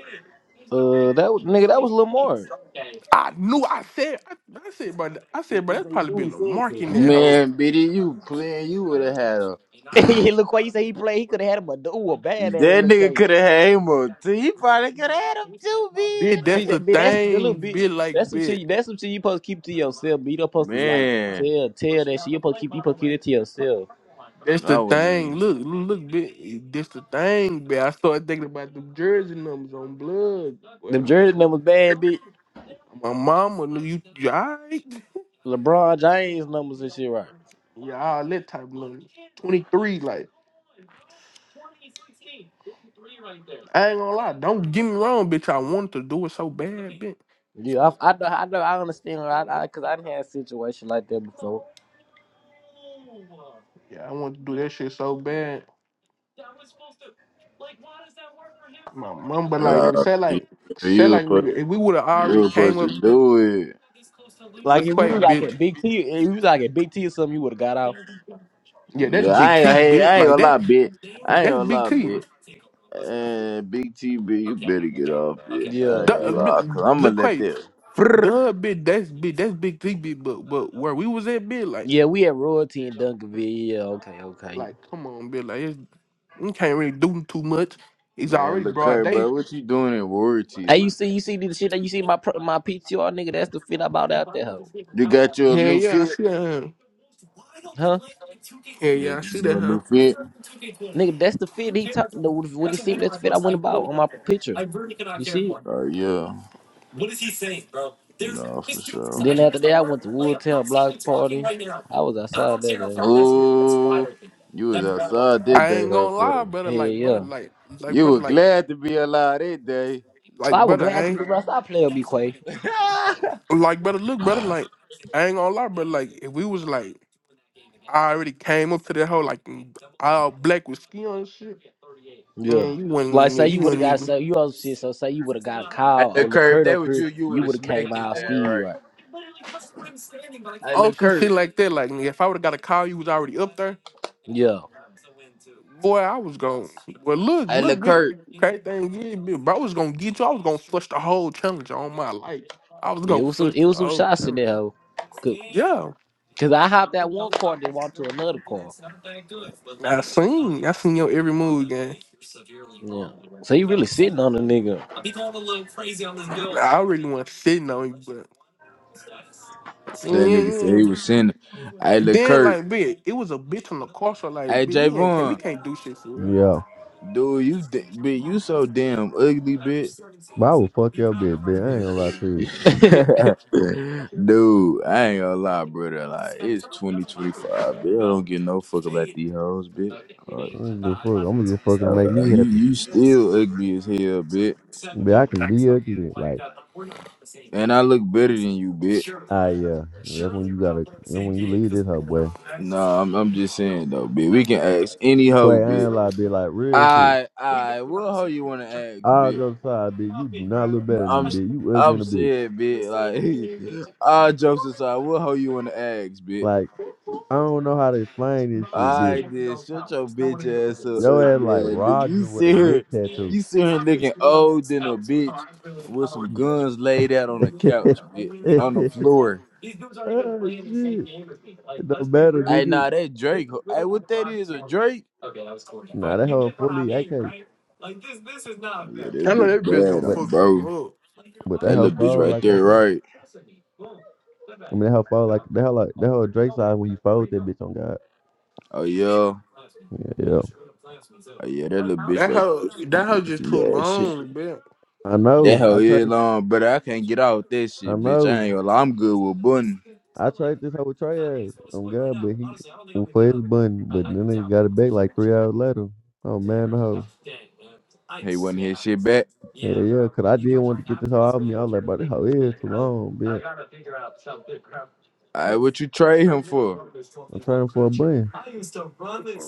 Speaker 3: uh, that was- nigga, that was Lamar.
Speaker 5: I knew. I said. I, I said, bro. I
Speaker 3: he,
Speaker 5: said, bro.
Speaker 3: he
Speaker 5: That's
Speaker 3: said, he
Speaker 5: probably
Speaker 3: knew
Speaker 5: be
Speaker 3: he said
Speaker 5: Lamarck in
Speaker 3: that.
Speaker 5: that hoe.
Speaker 1: Man, bitty, you playing, you would have had a.
Speaker 3: yeah, look why you say he played. He could have had him a ooh, a bad ass
Speaker 1: That
Speaker 3: little
Speaker 1: nigga could
Speaker 3: cake.
Speaker 1: have had him up too. He probably could have had him too, bitch.
Speaker 5: Bitch, that's
Speaker 3: See
Speaker 1: That nigga.
Speaker 5: the
Speaker 3: that, but that's the little
Speaker 5: thing.
Speaker 3: bit.
Speaker 5: Bitch, like
Speaker 3: That's some shit.
Speaker 5: bitch.
Speaker 3: That's some shit you supposed to keep to yourself. But you don't supposed to like
Speaker 1: Man,
Speaker 3: tell tell that shit. You supposed to keep. You supposed to keep it to yourself.
Speaker 5: That's
Speaker 1: I
Speaker 5: the
Speaker 1: wouldn't
Speaker 5: thing.
Speaker 1: even.
Speaker 5: Look, look, bitch. That's the thing, bitch. I started thinking about the jersey numbers on blood.
Speaker 3: Them
Speaker 5: Well,
Speaker 3: jersey numbers bad, bitch.
Speaker 5: my mama, look, you, you all right?
Speaker 3: LeBron James numbers and shit, right?
Speaker 5: Yeah, all that type of money. 23, like. I ain't gonna lie. Don't get me wrong, bitch. I wanted to do it so bad, bitch.
Speaker 3: Yeah, I, I know. I know. I understand. I, I cause I didn't have a situation like that before.
Speaker 5: Yeah, I wanted to do that shit so bad. My mom, but like nigga,
Speaker 1: Uh,
Speaker 5: say like say
Speaker 1: you were
Speaker 5: like
Speaker 1: supposed,
Speaker 5: nigga, if we would have
Speaker 1: you
Speaker 5: already
Speaker 1: were
Speaker 5: came
Speaker 1: supposed
Speaker 5: up
Speaker 1: to do it.
Speaker 3: Like if
Speaker 5: look
Speaker 3: we
Speaker 5: away,
Speaker 3: were like
Speaker 5: bitch.
Speaker 3: at Big T, if we was like at Big T or something, you would have got out.
Speaker 5: Yeah, that's
Speaker 1: Yeah,
Speaker 5: big
Speaker 1: I ain't,
Speaker 5: T,
Speaker 1: hey,
Speaker 5: bitch.
Speaker 1: I ain't
Speaker 5: Like
Speaker 1: gonna
Speaker 5: that
Speaker 1: lie, bitch. I ain't
Speaker 5: that's
Speaker 1: gonna
Speaker 5: big
Speaker 1: lie,
Speaker 5: T.
Speaker 1: bitch. And Big TB, you better get off it. I
Speaker 3: Yeah,
Speaker 1: ain't
Speaker 5: Duh,
Speaker 1: gonna
Speaker 3: yeah,
Speaker 1: lie,
Speaker 5: bi-
Speaker 1: cause I'm gonna
Speaker 5: Look
Speaker 1: let
Speaker 5: quite
Speaker 1: that. Frrr.
Speaker 5: duh bitch, that's big that's big T bitch, but but where we was at bitch, like
Speaker 3: yeah. We at Royalty in Duncanville. Yeah, okay, okay.
Speaker 5: like come on bitch, like it's, we can't really do too much. It's
Speaker 1: Man,
Speaker 5: already
Speaker 1: look,
Speaker 5: broad
Speaker 1: here,
Speaker 5: day.
Speaker 1: bro, what you doing in Warrior
Speaker 3: Hey,
Speaker 1: Tees?
Speaker 3: you see, you see the shit that you see my pro- my PTR nigga.
Speaker 5: Hell
Speaker 3: That's the fit I bought out there, hoe.
Speaker 1: You got your new
Speaker 5: yeah, I
Speaker 1: fit?
Speaker 5: see that. Huh?
Speaker 3: huh?
Speaker 5: Hell yeah,
Speaker 1: You
Speaker 5: I see that.
Speaker 1: your
Speaker 5: Huh?
Speaker 1: new fit?
Speaker 3: Nigga, that's the fit he talked. When he seen me, that's the fit I went about on my picture. You see? it?
Speaker 1: Oh, yeah. No, for
Speaker 3: And
Speaker 1: sure.
Speaker 3: then after that, I went to Woodtown Blocks party. I was outside that day.
Speaker 1: Oh, you was outside that
Speaker 5: I
Speaker 1: day,
Speaker 5: ain't
Speaker 1: huh,
Speaker 5: gonna lie,
Speaker 1: brother?
Speaker 5: brother.
Speaker 3: Hell
Speaker 5: Like, brother,
Speaker 3: yeah.
Speaker 5: like, like,
Speaker 1: You
Speaker 5: brother,
Speaker 1: were
Speaker 5: like,
Speaker 1: glad to be alive that day.
Speaker 3: I
Speaker 5: like,
Speaker 3: was
Speaker 5: brother. I
Speaker 3: glad to be
Speaker 5: ain't.
Speaker 3: right. I play with B Quay.
Speaker 5: Like, brother, look, brother, like, I ain't gonna lie, brother, like, if we was like, I already came up to that hoe, like, all black with skin on and shit, yeah,
Speaker 3: Yeah.
Speaker 5: you
Speaker 3: Like
Speaker 5: wouldn't, yeah,
Speaker 3: say you
Speaker 5: you
Speaker 3: would have
Speaker 5: wouldn't
Speaker 3: got
Speaker 5: even.
Speaker 3: so you also shit, so say you would have got a
Speaker 1: I
Speaker 3: call or
Speaker 1: look Kurt, if
Speaker 3: Lacurt
Speaker 1: that
Speaker 3: up
Speaker 1: was
Speaker 3: here,
Speaker 1: you, you would
Speaker 3: you
Speaker 1: have
Speaker 3: would have came
Speaker 1: smacked his
Speaker 3: out
Speaker 1: ass
Speaker 3: ski
Speaker 1: right.
Speaker 3: right.
Speaker 1: I
Speaker 5: On
Speaker 1: look
Speaker 5: some shit
Speaker 1: Kurt.
Speaker 5: like that, like, nigga, if I would've got a call, you was already up there.
Speaker 3: Yeah.
Speaker 5: Boy, I was gonna. Well, look,
Speaker 1: I
Speaker 5: look,
Speaker 1: look
Speaker 5: big.
Speaker 1: Kurt.
Speaker 5: Crazy thing is, big, bro, I was gonna get you. I was gonna flush the whole challenge on my life. I was
Speaker 3: yeah. It
Speaker 5: gonna
Speaker 3: was some
Speaker 5: flush
Speaker 3: it
Speaker 5: the
Speaker 3: was some
Speaker 5: whole
Speaker 3: shots in
Speaker 5: challenge.
Speaker 3: there, hoe. Cause,
Speaker 5: Yeah,
Speaker 3: 'cause I hopped that one car then walked to another car.
Speaker 5: I seen. I seen your every move, gang.
Speaker 3: Yeah. So you really sitting on a nigga.
Speaker 5: I really want sitting on you, but
Speaker 1: That nigga said
Speaker 5: yeah.
Speaker 1: he was sinning. I
Speaker 5: And
Speaker 1: look,
Speaker 5: then
Speaker 1: Kurt.
Speaker 5: like, bitch, it was a bitch on the car, so like,
Speaker 1: Hey
Speaker 5: bitch, we ain't we
Speaker 1: Javon,
Speaker 5: can't do shit for real.
Speaker 13: Yeah.
Speaker 1: dude, you d- bitch, you so damn ugly, bitch.
Speaker 13: But I will fuck your bitch, bitch. I ain't gonna lie to you.
Speaker 3: hey
Speaker 1: dude, I ain't gonna lie, brother. Like it's twenty twenty five, bitch. I don't give no fuck about these hoes, bitch. All right,
Speaker 13: I don't give a fuck. I'm just fucking to
Speaker 1: all
Speaker 13: make me
Speaker 1: right. You
Speaker 13: happy.
Speaker 1: you still ugly as hell, bitch.
Speaker 13: But I can be ugly. Like,
Speaker 1: And I look better than you, bitch.
Speaker 13: ah yeah. That's when you gotta. That's when you leave this her boy.
Speaker 1: Nah, I'm I'm just saying though, bitch. We can ask any hoe,
Speaker 13: Quay, I
Speaker 1: bitch.
Speaker 13: ain't lie, bitch. Like real shit.
Speaker 1: I I what hoe you wanna ask,
Speaker 13: All
Speaker 1: bitch?
Speaker 13: jokes aside, bitch. You do not look better than me,
Speaker 1: I'm
Speaker 13: bitch. You ugly
Speaker 1: I'm
Speaker 13: in a bitch.
Speaker 1: saying, bitch. Like all jokes aside, what hoe you wanna ask, bitch?
Speaker 13: Like I don't know how to explain this shit, bitch.
Speaker 1: I did. Shut your bitch ass up,
Speaker 13: Yo ass
Speaker 1: ugly
Speaker 13: like
Speaker 1: ass nigga. You
Speaker 13: Roger with a
Speaker 1: sit here,
Speaker 13: neck tattoo.
Speaker 1: you sit here looking old than a bitch with some guns laid out on the couch, bitch, on the floor.
Speaker 13: oh shit. It don't matter,
Speaker 1: Hey,
Speaker 13: nigga.
Speaker 1: nah, that Drake. ho- Hey, what that is, a Drake?
Speaker 13: Nah, that hoe fully AK.
Speaker 5: I
Speaker 1: Oh, yeah, that
Speaker 5: know
Speaker 1: bitch
Speaker 5: that bitch gonna
Speaker 1: bad
Speaker 13: But
Speaker 1: on,
Speaker 5: fuck some
Speaker 1: bro.
Speaker 5: up.
Speaker 13: but that
Speaker 1: That
Speaker 13: hoe
Speaker 1: little bitch
Speaker 13: fold
Speaker 1: right
Speaker 13: like
Speaker 1: there,
Speaker 13: AK.
Speaker 1: right?
Speaker 13: I mean that hoe fold like that hoe like that hoe Drake side when you fold that bitch on God.
Speaker 1: Oh, yeah. Oh,
Speaker 13: Yeah. yeah.
Speaker 1: yeah, that little bitch
Speaker 5: That
Speaker 1: right
Speaker 5: hoe,
Speaker 1: there.
Speaker 5: that
Speaker 1: Some
Speaker 5: hoe just
Speaker 1: some
Speaker 5: too
Speaker 1: bad shit.
Speaker 5: long, bitch.
Speaker 13: I
Speaker 1: That
Speaker 13: know.
Speaker 1: hell
Speaker 13: I
Speaker 1: is
Speaker 13: trade
Speaker 1: long, but I can't get out that
Speaker 13: I
Speaker 1: shit, bitch. I
Speaker 13: know.
Speaker 1: ain't gonna lie. I'm good with Bunny.
Speaker 13: I trade this hoe with Trey ass on God, but he for his bun, but then they got it back like three hours later. Oh man, the hoe.
Speaker 1: He wasn't his shit back.
Speaker 13: Yeah, yeah, cause I did want to get this hoe out of me. I was like, bro, this hoe is too long, bitch.
Speaker 1: Hey, what you trade him for?
Speaker 13: I'm trading for a bun.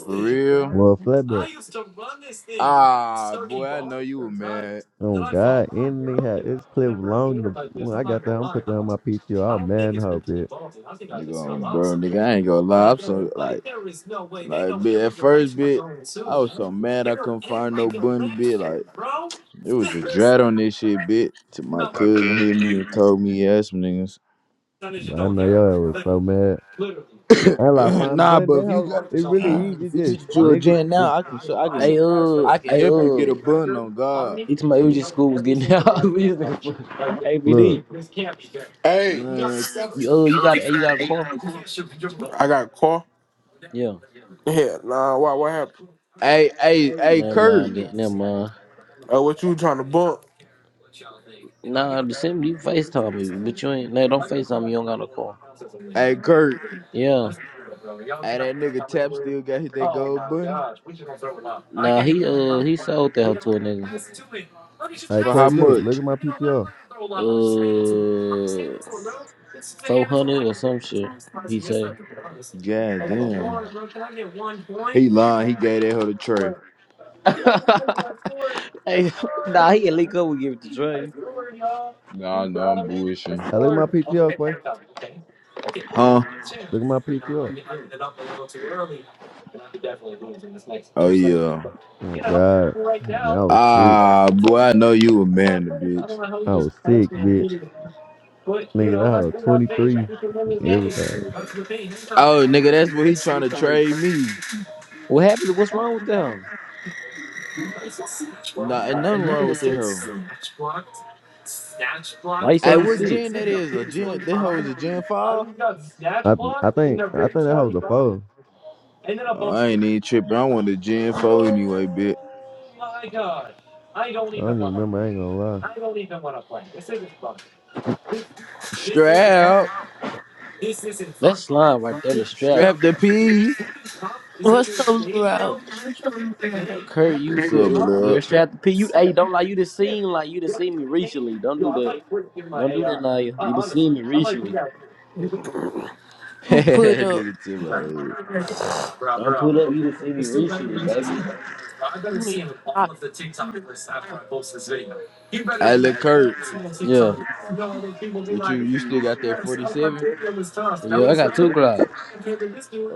Speaker 1: For real?
Speaker 13: Well, a flatback.
Speaker 1: Ah, boy, I know you were mad.
Speaker 13: Oh God, anything had it's clip long. The, when I got that. I'm put that on my PTO. I was mad in her bit.
Speaker 1: Nigga, bro, nigga, I ain't gonna lie. I'm so like, like, bit at first, bit, I was so mad I couldn't find no button, bit. Like, it was a drat on this shit, bit. To my
Speaker 5: My
Speaker 1: cousin
Speaker 5: cousin.
Speaker 1: hit
Speaker 5: hit
Speaker 1: me and
Speaker 5: me.
Speaker 1: told me, yeah, some niggas.
Speaker 13: But I know y'all was so mad. Hell, I find the
Speaker 1: nah,
Speaker 13: button.
Speaker 1: but
Speaker 13: That
Speaker 1: if you
Speaker 13: hoe,
Speaker 1: got,
Speaker 13: it really
Speaker 1: a,
Speaker 13: easy.
Speaker 1: if you
Speaker 13: Just
Speaker 1: get you a
Speaker 13: nigga,
Speaker 1: gen
Speaker 13: it
Speaker 1: now, I can, show, I can,
Speaker 3: uh
Speaker 1: I can
Speaker 3: hey
Speaker 1: help you get a
Speaker 3: uh
Speaker 1: button on God,
Speaker 3: it's my UG
Speaker 13: look.
Speaker 3: school was getting out of this nigga for ABD.
Speaker 13: look.
Speaker 5: Hey, yo, you
Speaker 1: man.
Speaker 3: You uh you got a- you
Speaker 5: got
Speaker 3: got a
Speaker 5: a, you
Speaker 3: car?
Speaker 5: got a car? I got a car.
Speaker 3: Yeah.
Speaker 5: Yeah, nah. Why? What happened?
Speaker 1: Hey, hey, hey,
Speaker 3: Never
Speaker 1: Kurt,
Speaker 3: mind then, never mind.
Speaker 5: Oh, what you trying to bump?
Speaker 3: Nah, December you FaceTime me, but you ain't no don't FaceTime me, you don't got a car.
Speaker 1: hey, Kurt,
Speaker 3: Yeah.
Speaker 1: hey, that nigga Tap still got hit that gold button.
Speaker 3: Nah, he uh he sold that hoe to a nigga.
Speaker 13: Hey
Speaker 1: For
Speaker 13: Quay,
Speaker 1: how
Speaker 13: look, look
Speaker 1: much?
Speaker 13: at my PTO.
Speaker 3: Uh, four hundred or some shit. He say.
Speaker 1: God damn. He lying. He gave that her the tray.
Speaker 3: hey, nah, he a leak up. We give it to Dre.
Speaker 1: Nah, I know I'm bullshitting.
Speaker 13: I look at my PTO, Quay.
Speaker 1: Huh?
Speaker 13: Look at my PTO.
Speaker 1: Oh yeah.
Speaker 13: Oh God, Man, I was sick.
Speaker 1: Ah, boy, I know you a man, the bitch.
Speaker 13: I was sick, bitch. Nigga, I was 23 and everything.
Speaker 1: Oh, nigga, that's what he trying to trade me.
Speaker 3: What happened? What's wrong with them?
Speaker 1: Nah, ain't nothing wrong with that hoe.
Speaker 3: Why you say
Speaker 1: Hey,
Speaker 3: he
Speaker 1: what
Speaker 3: sick?
Speaker 1: gen that is? A gen? That hoe is a gen five?
Speaker 13: I I think I think that hoe was a four.
Speaker 1: Oh, I ain't even tripping. I want a gen four anyway, bitch.
Speaker 13: I don't even remember. I ain't gonna lie,
Speaker 1: Strap,
Speaker 3: That's slime right there. The strap.
Speaker 1: strap the P.
Speaker 15: What's up, Laurel?
Speaker 3: Kurt, you
Speaker 1: What's
Speaker 3: put
Speaker 1: up,
Speaker 3: your
Speaker 1: blood?
Speaker 3: strap. P, you hey, don't lie. You just seen like you just seen me recently. Don't do that. Don't do that, Naya. You just seen me recently.
Speaker 15: You put up.
Speaker 1: nigga, to my head.
Speaker 3: I'm put up. You just seen me recently, baby.
Speaker 15: You the shot.
Speaker 1: Hey, look, Kurt.
Speaker 3: Yeah,
Speaker 1: But you, you still got that 47?
Speaker 3: yeah. I got two gloves.
Speaker 1: Uh,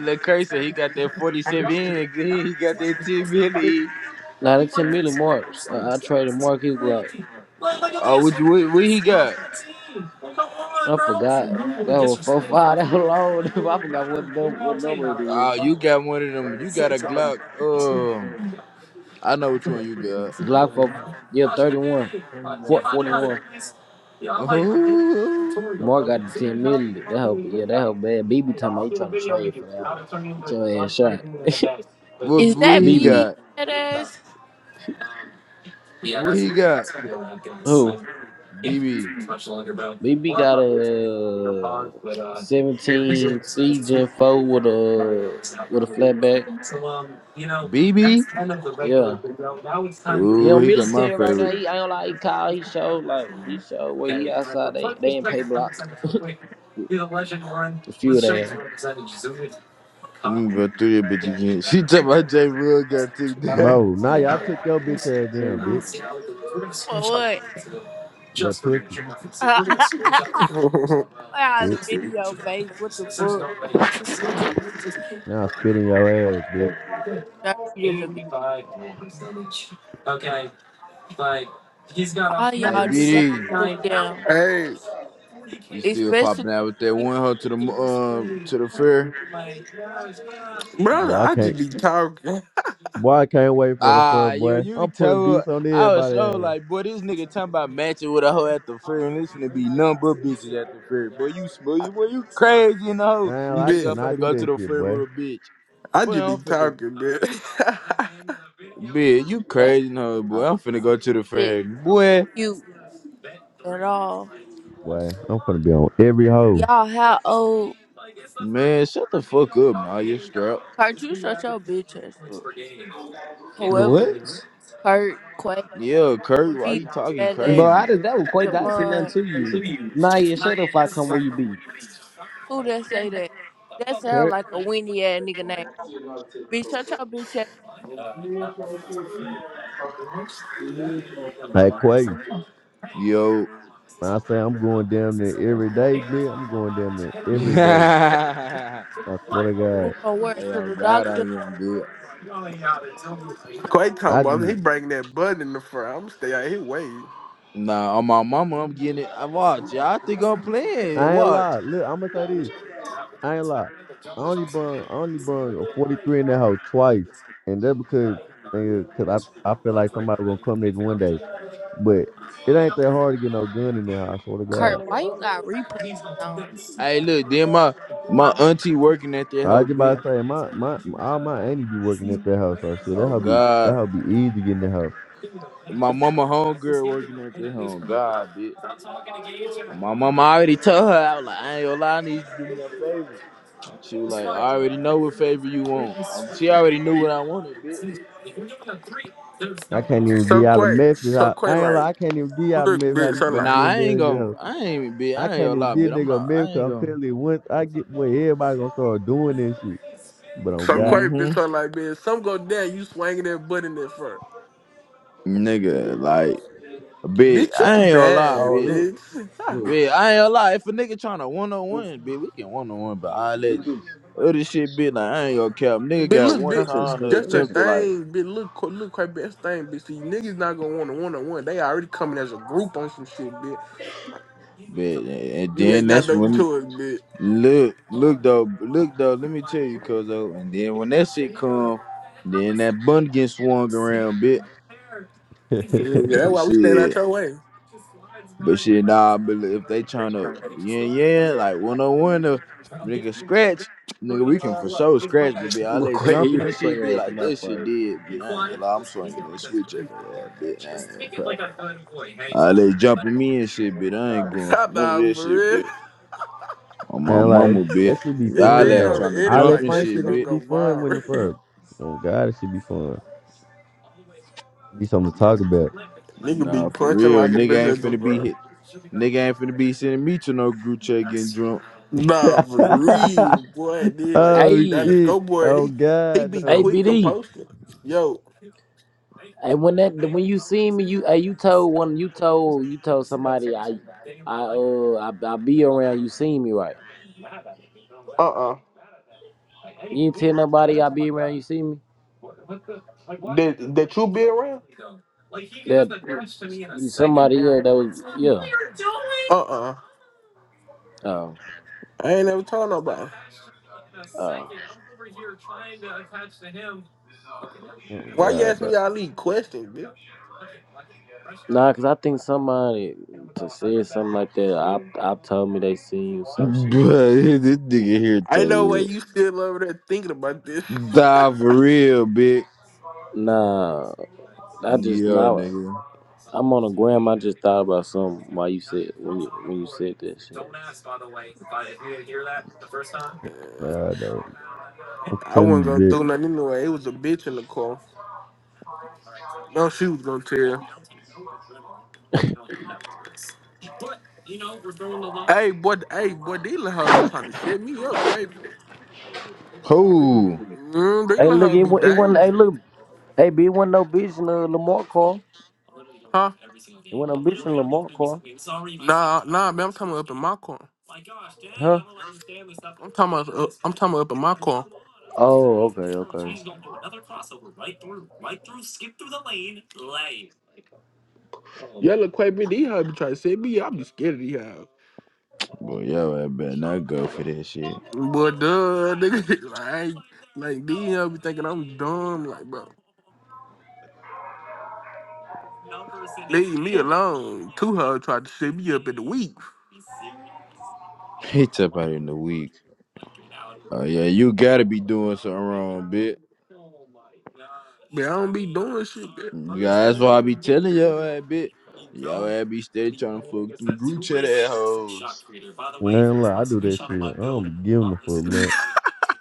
Speaker 1: LeCurse said he got that 47 in. He, he got that ten milli.
Speaker 3: Nah, that 10 million marks. I, I traded Mark his glove.
Speaker 1: Oh, what, you- what, what he got?
Speaker 3: I forgot. That was 4 5. That was long. I forgot what number, what number it is.
Speaker 1: Oh, you got one of them. You got a Glock. Um, I know which one you got.
Speaker 3: Glock 4. Yeah, 31. Four- 41.
Speaker 1: Oh,
Speaker 3: Mark got the 10 million. That help. Yeah, that help bad. BB talking about he trying to trade for that one. Get your ass shot.
Speaker 1: what,
Speaker 15: Is
Speaker 1: what
Speaker 15: that
Speaker 1: he
Speaker 3: BB.
Speaker 15: BD
Speaker 1: got?
Speaker 15: fat ass?
Speaker 1: What he got?
Speaker 3: Who?
Speaker 1: BB.
Speaker 3: BB got a 17 C Gen 4 with a with a flatback.
Speaker 1: BB?
Speaker 3: Yeah. He
Speaker 1: Oh,
Speaker 3: on
Speaker 1: he got my
Speaker 3: military right now.
Speaker 1: favorite.
Speaker 3: He I don't like he call. He show like he show where he outside. They they ain't pay block. A few of there.
Speaker 1: Let me go through that bitch again. She talking about J. Wood got took down.
Speaker 13: bro. Now y'all took your bitch ass down, bitch.
Speaker 15: Or what?
Speaker 13: That pussy,
Speaker 15: Why I
Speaker 13: bitch.
Speaker 15: spit in your face? What the fuck?
Speaker 13: Now I spit in your ass, bitch.
Speaker 5: hey,
Speaker 15: Dirty than the bitch. All
Speaker 1: Hey,
Speaker 15: y'all niggas
Speaker 1: BD,
Speaker 15: took down.
Speaker 1: you still
Speaker 15: Especially
Speaker 1: popping out with that
Speaker 15: you.
Speaker 1: one hoe to the uh to the fair?
Speaker 5: brother,
Speaker 13: Boy, I
Speaker 5: I just
Speaker 13: can't.
Speaker 5: be talking,
Speaker 13: Boy, I can't wait for the fur,
Speaker 1: Ah, yo,
Speaker 13: boy.
Speaker 1: you can
Speaker 13: I'm putting
Speaker 1: tell.
Speaker 13: beats on
Speaker 1: I was
Speaker 13: everybody
Speaker 1: so
Speaker 13: ass.
Speaker 1: like, boy, this nigga talking about matching with a hoe at the fair, and it's finna be nothing but bitches at the fair. Boy, you smooth, boy, you crazy in the hoe.
Speaker 13: Man,
Speaker 1: You
Speaker 13: I
Speaker 1: think I'm
Speaker 5: bitch.
Speaker 13: cannot
Speaker 1: finna
Speaker 13: do
Speaker 1: go to
Speaker 13: that
Speaker 1: the
Speaker 13: shit,
Speaker 1: fair
Speaker 13: boy.
Speaker 1: with a bitch?
Speaker 5: I
Speaker 1: Boy,
Speaker 5: just be
Speaker 1: I'm finna.
Speaker 5: talking, bitch.
Speaker 1: Bitch, you
Speaker 15: That's
Speaker 1: crazy in the hoe, boy.
Speaker 15: not
Speaker 1: I'm finna go to the
Speaker 15: shit
Speaker 1: fair, boy.
Speaker 15: cute at all.
Speaker 13: Boy, I'm finna be on every hoe.
Speaker 15: Y'all, how old?
Speaker 1: Man, shut the fuck up, nah, you strap.
Speaker 15: Kurt, you shut your bitch ass up. Whoever.
Speaker 3: What?
Speaker 15: Kurt, Quay,
Speaker 1: Yeah, Kurt, why
Speaker 15: BD
Speaker 1: you talking
Speaker 15: fat ass,
Speaker 3: Bro, I
Speaker 1: crazy?
Speaker 3: just that was quite. I seen nothing
Speaker 15: Javon.
Speaker 3: to you. Nah, yeah, shut up. If I come where you be,
Speaker 15: Who that say that? That sound
Speaker 3: Kurt.
Speaker 15: like a windy ass nigga name. Bitch, shut your bitch ass
Speaker 13: Like Quay.
Speaker 1: Yo.
Speaker 13: I say I'm going damn near every day, bitch. I'm going damn near
Speaker 1: hey,
Speaker 13: every day. I swear to God.
Speaker 15: going work. To
Speaker 1: oh
Speaker 15: the
Speaker 1: God, I
Speaker 15: doctor?
Speaker 1: am, bitch.
Speaker 5: Y'all ain't out there telling me like that. Quay
Speaker 13: I
Speaker 5: come up, he
Speaker 13: just,
Speaker 5: bring that butt in the front. I'm stay out here waiting.
Speaker 1: Nah, on my mama, I'm getting it. I watch. yeah, I think I'm playing.
Speaker 13: I ain't
Speaker 1: Watch.
Speaker 13: lie. Look, I'm gonna say this. I ain't lie. I only brung, I only brung a 43 in that hoe twice. And that's because, nigga, cause I, I feel like somebody gonna come there one day. But it ain't that hard to get no gun in there. I swear to
Speaker 15: Kurt,
Speaker 13: God.
Speaker 15: why you got replays on?
Speaker 1: Hey, look. Then my my auntie working at their
Speaker 13: I
Speaker 1: hoe,
Speaker 13: just
Speaker 1: bit.
Speaker 13: about to say my my all my aunties be working at that house. So shit, that
Speaker 1: Oh
Speaker 13: how be that
Speaker 1: God.
Speaker 13: how be easy to get in the house.
Speaker 1: My mama homegirl working at their home. God, bitch. My mama already told her. I was like, I ain't gonna lie. I need you to do me a favor. She was like, I already know what favor you want. Um, she already knew what I wanted, bitch.
Speaker 13: I can't even
Speaker 5: So
Speaker 13: get out of
Speaker 5: Quay,
Speaker 13: Memphis.
Speaker 5: so
Speaker 13: I,
Speaker 5: Quay
Speaker 13: I ain't like
Speaker 5: like,
Speaker 13: I can't even get out of
Speaker 5: look,
Speaker 13: Memphis. How
Speaker 5: bitch. I
Speaker 13: nigga
Speaker 1: But
Speaker 13: be
Speaker 5: like,
Speaker 1: now
Speaker 13: getting
Speaker 1: I
Speaker 13: gun
Speaker 1: ain't
Speaker 13: in the
Speaker 1: gonna.
Speaker 13: house?
Speaker 1: I ain't bitch.
Speaker 13: I
Speaker 1: I ain't
Speaker 13: can't
Speaker 1: gonna
Speaker 13: even
Speaker 1: lie,
Speaker 13: get
Speaker 1: bitch. I'm
Speaker 13: nigga a
Speaker 1: not. I
Speaker 13: Memphis.
Speaker 1: ain't
Speaker 13: 'cause I'm
Speaker 1: gonna.
Speaker 13: telling you, once I get where everybody gonna start doing this shit. But on
Speaker 5: so
Speaker 13: God,
Speaker 5: Quay, bitch.
Speaker 1: Mm-hmm.
Speaker 5: I like, man, some go down, you swinging that butt in that front.
Speaker 1: Nigga, like, bitch.
Speaker 5: Bitch, you
Speaker 1: I ain't gonna lie,
Speaker 3: Oh,
Speaker 5: bad,
Speaker 1: bitch.
Speaker 3: look.
Speaker 5: bitch.
Speaker 3: Look.
Speaker 1: Bitch, I ain't gonna lie. If a nigga trying to one on one, bitch, we can one on one. But all
Speaker 3: Look
Speaker 1: that
Speaker 3: at this.
Speaker 1: other shit, bitch, like I ain't gonna cap. Nigga
Speaker 5: But
Speaker 1: got
Speaker 5: look,
Speaker 1: one
Speaker 3: I
Speaker 5: bitch,
Speaker 3: said,
Speaker 1: time
Speaker 3: Scotty,
Speaker 1: to
Speaker 3: show
Speaker 5: that's
Speaker 3: me
Speaker 5: the
Speaker 1: attempt to
Speaker 3: something.
Speaker 1: like,
Speaker 5: thing. But look, co- look, quite best thing, bitch. See, niggas not gonna want a one on one. They already coming as a group on some shit, bitch. Like
Speaker 1: bitch, and and
Speaker 5: you
Speaker 1: then
Speaker 5: ain't got
Speaker 1: that's
Speaker 5: nothing
Speaker 1: when
Speaker 5: to it,
Speaker 1: look, look though, look though. Let me tell you, cuz though, and then when that shit come, then that bun get swung around, bitch.
Speaker 13: and like
Speaker 5: bitch. Yeah, that's why we stand out
Speaker 1: Shit.
Speaker 5: your way.
Speaker 1: But shit, nah, but if they trying to yeah, yin, like one on one, to nigga scratch, nigga, we can for sure scratch, but be all
Speaker 3: Look,
Speaker 1: they
Speaker 3: Quay,
Speaker 1: jumping
Speaker 3: you
Speaker 1: and
Speaker 3: ain't
Speaker 1: shit,
Speaker 3: Quay
Speaker 1: be
Speaker 3: ass in
Speaker 1: like, this shit
Speaker 3: fight.
Speaker 1: did, bitch. I ain't gonna lie, I'm swinging that switch at the ass, bitch. I ain't gonna pop. All they jumping me and shit, bitch. I ain't going for none of
Speaker 5: nah,
Speaker 1: this
Speaker 5: for
Speaker 1: shit,
Speaker 5: real?
Speaker 1: bitch. On my
Speaker 13: that,
Speaker 1: mama, bitch.
Speaker 13: that should be
Speaker 5: And
Speaker 1: Y'all
Speaker 13: fun
Speaker 5: then
Speaker 1: that
Speaker 5: on
Speaker 13: though.
Speaker 5: the
Speaker 1: trying to
Speaker 13: All
Speaker 5: edit,
Speaker 1: jump
Speaker 13: that
Speaker 5: like
Speaker 1: and
Speaker 13: fun
Speaker 5: that
Speaker 13: shit,
Speaker 5: shit
Speaker 1: shit,
Speaker 13: that
Speaker 5: gonna
Speaker 1: bitch.
Speaker 13: should be
Speaker 5: go
Speaker 13: fun when the
Speaker 5: viral.
Speaker 13: first. On God, it should be fun. Be something to
Speaker 5: Bro,
Speaker 13: talk about.
Speaker 5: Nigga
Speaker 1: Nah,
Speaker 5: be
Speaker 1: for
Speaker 5: punching
Speaker 1: real,
Speaker 5: like a
Speaker 1: nigga
Speaker 5: bitch
Speaker 1: ain't
Speaker 5: at the
Speaker 1: finna be
Speaker 5: front.
Speaker 1: hit. Nigga ain't finna be sending me to no group chat getting drunk.
Speaker 5: Nah, for real, boy. Then like
Speaker 13: oh
Speaker 3: Hey,
Speaker 5: Dallas
Speaker 13: shit.
Speaker 5: Go boy,
Speaker 13: Oh
Speaker 5: he he
Speaker 13: god
Speaker 5: be
Speaker 3: hey,
Speaker 13: no.
Speaker 5: quick to
Speaker 3: BD.
Speaker 5: post it. Yo,
Speaker 3: Hey, when that when you see me, you hey, you told one you told you told somebody I I uh I, I be around. You seen me right?
Speaker 5: Uh uh
Speaker 3: You ain't tell nobody I be around. You see me?
Speaker 5: Did did you be around?
Speaker 3: That somebody else that was yeah.
Speaker 5: Uh uh
Speaker 3: Oh,
Speaker 5: I ain't never told nobody. Attached to me in a
Speaker 3: oh,
Speaker 5: second. I'm over here trying to attach to him. Okay.
Speaker 13: Oh
Speaker 5: Why you
Speaker 13: god
Speaker 5: ask
Speaker 13: no.
Speaker 5: me all these questions, bitch?
Speaker 3: nah. Cause I think somebody to say something like that. I I told me they seen you some
Speaker 1: But
Speaker 3: shit.
Speaker 1: this nigga here
Speaker 5: I know why
Speaker 1: too.
Speaker 5: you still over there thinking about this.
Speaker 1: Die for real, bitch.
Speaker 3: Nah, I just
Speaker 1: Yeah,
Speaker 3: now
Speaker 1: nigga.
Speaker 3: I'm on a gram. I just thought about something while you said when you when you said that shit.
Speaker 13: God no. I
Speaker 5: I wasn't
Speaker 13: can't
Speaker 5: gonna
Speaker 13: be
Speaker 5: do nothing anyway. It was a bitch in the car. No, she was gonna tell. Hey, boy, hey, boy, they let her be trying to set me up, Quavo.
Speaker 1: Who?
Speaker 5: Mm, they
Speaker 3: Hey,
Speaker 5: let
Speaker 3: look,
Speaker 5: her
Speaker 3: it
Speaker 5: be
Speaker 3: wa- it wasn't. Hey,
Speaker 5: dangerous.
Speaker 3: look, hey, B, it wasn't no bitch in the Lamar car.
Speaker 5: Huh?
Speaker 3: It wasn't no bitch in the Lamar car,
Speaker 5: Nah, nah, man, I'm talking about up in my car.
Speaker 3: huh?
Speaker 5: I'm talking about, uh, I'm talking about up in my car.
Speaker 3: Oh, okay, okay.
Speaker 5: Y'all look quite big. These hoes be trying to set me up. I just scared of these hoes.
Speaker 1: Boy, yo, I better not go for that shit.
Speaker 5: Boy, duh, nigga. like, like these hoes be thinking I'm dumb. Like, bro, leave me alone. Two hoes tried to set me up in the week.
Speaker 1: It's up out in the week. Oh yeah, you gotta be doing something wrong, bitch.
Speaker 5: But I don't be doing shit.
Speaker 1: Yeah, that's why I be telling yo, ass, bitch. Yo,
Speaker 5: Man.
Speaker 1: I be steady trying to fuck them group chat assholes.
Speaker 13: man look, I do that shit. I don't be giving a fuck, man.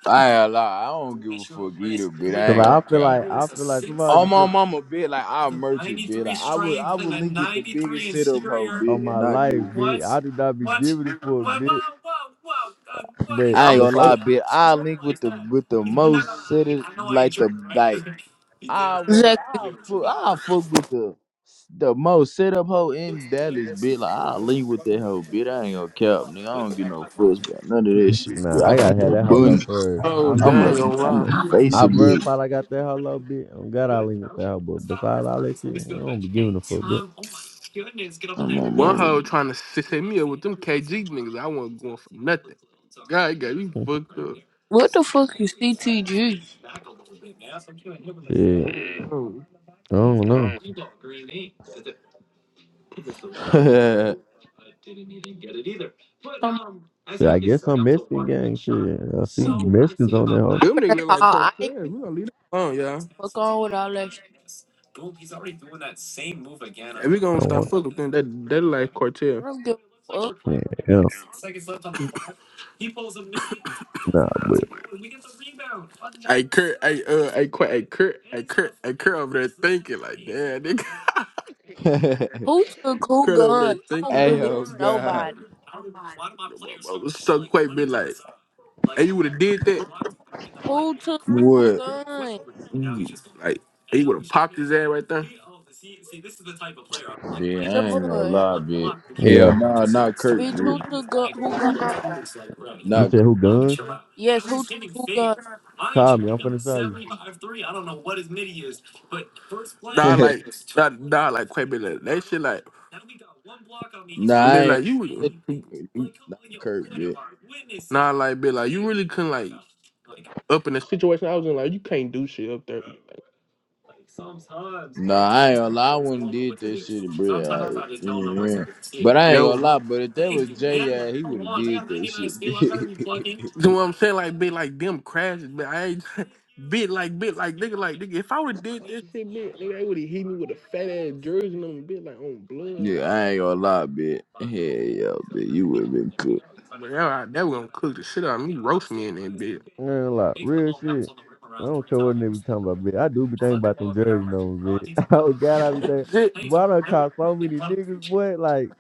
Speaker 1: I ain't gonna lie, I don't give a fuck either, bitch. I
Speaker 13: Cause
Speaker 1: ain't
Speaker 13: I
Speaker 1: gonna
Speaker 13: feel
Speaker 1: count.
Speaker 13: like I feel like somebody
Speaker 1: On
Speaker 13: just
Speaker 1: my
Speaker 13: said
Speaker 1: mama, bitch, like I merch it, bitch. Like I would, I would link with the biggest sit up hoe,
Speaker 13: on
Speaker 1: bitch, and
Speaker 13: my
Speaker 1: not give
Speaker 13: life,
Speaker 1: a fuck.
Speaker 13: bitch. I do not be giving a fuck, bitch. But
Speaker 1: I ain't gonna
Speaker 13: before
Speaker 1: lie, bitch. I link with the with the most cities, like the like I went,
Speaker 15: Exactly.
Speaker 1: I fuck, I fuck with the the most set up hoe in Dallas, bitch. Like I link with that hoe, bitch. I ain't gonna cap, nigga. I don't get no fuss about none of that
Speaker 13: but,
Speaker 1: shit, bitch.
Speaker 13: nah,
Speaker 1: I
Speaker 13: I
Speaker 1: got
Speaker 13: gotta have
Speaker 1: the
Speaker 13: that hello
Speaker 1: bun.
Speaker 13: first.
Speaker 5: Oh,
Speaker 13: I'm
Speaker 1: I'm
Speaker 13: I
Speaker 5: dang,
Speaker 1: a
Speaker 5: oh,
Speaker 1: I'm
Speaker 5: wow.
Speaker 1: a face a
Speaker 13: I
Speaker 1: bitch.
Speaker 13: verified I got that hello bitch. Oh god I link with that hoe, but besides all that shit, I don't be giving a fuck, bitch.
Speaker 1: I'm a
Speaker 5: One hoe trying to sit hit KG I going for got me
Speaker 15: What the fuck is CTG?
Speaker 13: shit. I
Speaker 5: Mm.
Speaker 13: don't know.
Speaker 1: mama.
Speaker 15: I'm,
Speaker 13: Shit, I guess some Mexican gang shit. Yeah, I see
Speaker 15: I'm
Speaker 13: Mexicans on that hoe.
Speaker 15: finna call. I ain't
Speaker 5: We gonna leave that alone, y'all.
Speaker 15: fuck on with all that shit.
Speaker 13: I don't want.
Speaker 5: them. That that look
Speaker 15: I
Speaker 5: Cortez.
Speaker 15: don't give a fuck.
Speaker 13: Yeah, yeah. Nah, but
Speaker 5: I uh, I quit, I Kurt,
Speaker 15: Who took who
Speaker 5: Kurt over there
Speaker 15: gun? I
Speaker 5: think
Speaker 15: don't
Speaker 5: like
Speaker 1: Hey,
Speaker 15: believe
Speaker 5: that.
Speaker 1: oh God.
Speaker 15: nobody.
Speaker 5: Bro, it's so quite been like, hey, you would have did that.
Speaker 15: Who took who
Speaker 1: what?
Speaker 15: gun?
Speaker 5: Mm, Like, he would have popped his head right there.
Speaker 1: Yeah, I ain't gonna
Speaker 15: Javon.
Speaker 1: lie, bitch.
Speaker 13: yeah.
Speaker 1: Hell no, not Kirk,
Speaker 15: Bitch,
Speaker 1: dude.
Speaker 15: who took gun, who gun?
Speaker 13: You
Speaker 1: Not.
Speaker 13: said who guns?
Speaker 15: Yes, who took who gun?
Speaker 13: Call me. I'm finna show you.
Speaker 5: Nah, like, nah, nah, like, quite been like, that shit, like,
Speaker 1: Nah, I
Speaker 5: be
Speaker 1: ain't
Speaker 5: like, you,
Speaker 1: gonna- not Kirk, bitch.
Speaker 5: nah, like, be like, you really couldn't, like, up in the situation I was in, like, you can't do shit up there.
Speaker 1: Nah, I ain't gonna lie. I wouldn't did that shit, bruh. Like, yeah, yeah. But I ain't
Speaker 5: That was
Speaker 1: gonna lie. But if that was Jay, yeah, he would have did that shit, bitch.
Speaker 5: You know what I'm saying? Like, bit like them crashes, but I ain't bit like bit like nigga like nigga. If I would have did this shit, bit nigga, they would have hit me with a fat ass jersey and on me, bit like on blood.
Speaker 1: yeah,
Speaker 5: Like,
Speaker 1: I ain't gonna lie, bitch. Hell yeah, bitch. You would have been cooked.
Speaker 5: but yeah, that was gonna cook the shit out of me, roast me in that bit.
Speaker 13: Man, like real shit. I don't care what nigga be talking about, bitch. I do be thinking about them jersey numbers, bitch. Oh God, I be thinking.
Speaker 5: Shit,
Speaker 13: Boy, I done caught so many niggas, boy. Like,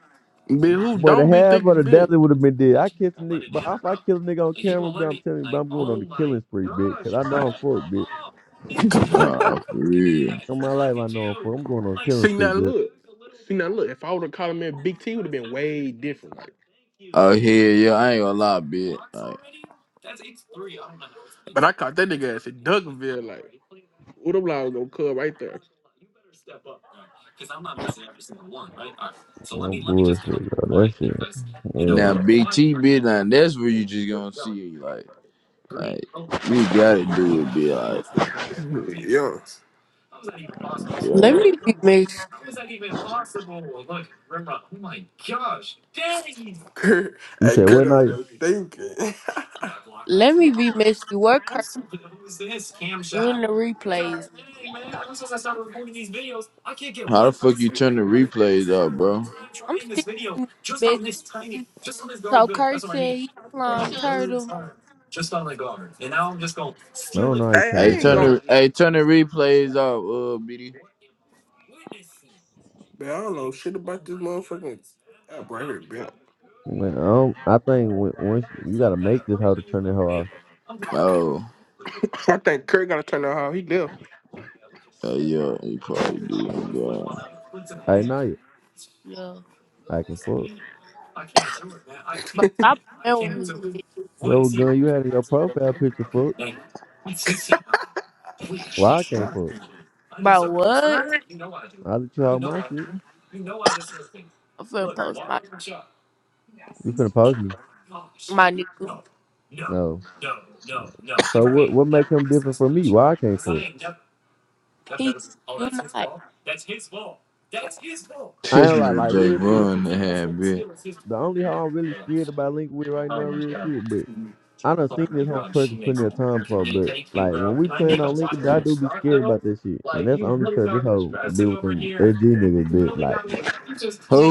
Speaker 5: Bitch, who
Speaker 13: boy, the
Speaker 5: don't be
Speaker 13: half of
Speaker 5: thinking
Speaker 13: the
Speaker 5: big?
Speaker 13: dozen would have been dead. I kiss a nigga, but if I kill a nigga on camera, bitch, I'm telling you, bro, I'm going on the killing spree, bitch. Cause I know I'm fucked, bitch.
Speaker 1: Nah, for real.
Speaker 13: In my life, I know I'm fucked. I'm going on a killing
Speaker 5: See
Speaker 13: spree,
Speaker 5: now,
Speaker 13: bitch.
Speaker 5: look, see now, look. If I would have called him in, Big T would have been way different. like.
Speaker 1: Oh hell yeah, I ain't gonna lie, bitch. Like
Speaker 5: Duncanville. what them lines gonna come right
Speaker 13: No bullshit, bro. That shit. Yeah,
Speaker 1: now,
Speaker 13: no.
Speaker 1: Big T, bitch. Now that's where you just gonna see, it. like, like you gotta do it, bitch. Like,
Speaker 15: Let
Speaker 1: yeah.
Speaker 15: me be messy.
Speaker 5: Kurt,
Speaker 13: You
Speaker 5: and
Speaker 13: said
Speaker 5: Kurt
Speaker 13: what now?
Speaker 5: over
Speaker 13: I
Speaker 5: thinking.
Speaker 15: Let me be messy. Where Kurt in the replays?
Speaker 1: How the fuck you turn the replays up, bro?
Speaker 15: I'm still messy. So Kurt said he slime turtle.
Speaker 13: don't know how you
Speaker 5: hey,
Speaker 13: turn
Speaker 1: Hey,
Speaker 5: I
Speaker 13: this
Speaker 5: ain't
Speaker 13: shit
Speaker 1: turn
Speaker 13: off.
Speaker 1: the hey, turn the replays off, uh, BD.
Speaker 5: Man, I don't know shit app man.
Speaker 13: Man, I don't. I think when, once you, you gotta make this hoe to turn that hoe off.
Speaker 1: Oh,
Speaker 5: I think Kurt gotta turn out how he live.
Speaker 1: uh, yeah, he probably did. God.
Speaker 13: I know you.
Speaker 15: Yeah.
Speaker 13: I can fuck.
Speaker 15: But stop playing with me, bitch.
Speaker 13: Whatever gun you had in your profile picture, fuck. Why I can't fuck?
Speaker 15: Bro, what?
Speaker 13: I let you have my shit.
Speaker 15: I'm finna post my
Speaker 13: You finna post me?
Speaker 15: my nigga.
Speaker 13: No. So what? What make him different from me? Why I can't fuck?
Speaker 15: He you not.
Speaker 13: I
Speaker 1: This
Speaker 13: ain't like
Speaker 1: nigga
Speaker 13: like
Speaker 1: J
Speaker 13: real shit.
Speaker 1: Von that had bit.
Speaker 13: The only hoe I'm really scared about link with right now, real shit. but. I done seen this whole person plenty of time before, but like when we playing on Lincoln, I do be scared about this shit, and that's only cause this whole be with them LG niggas, bit like,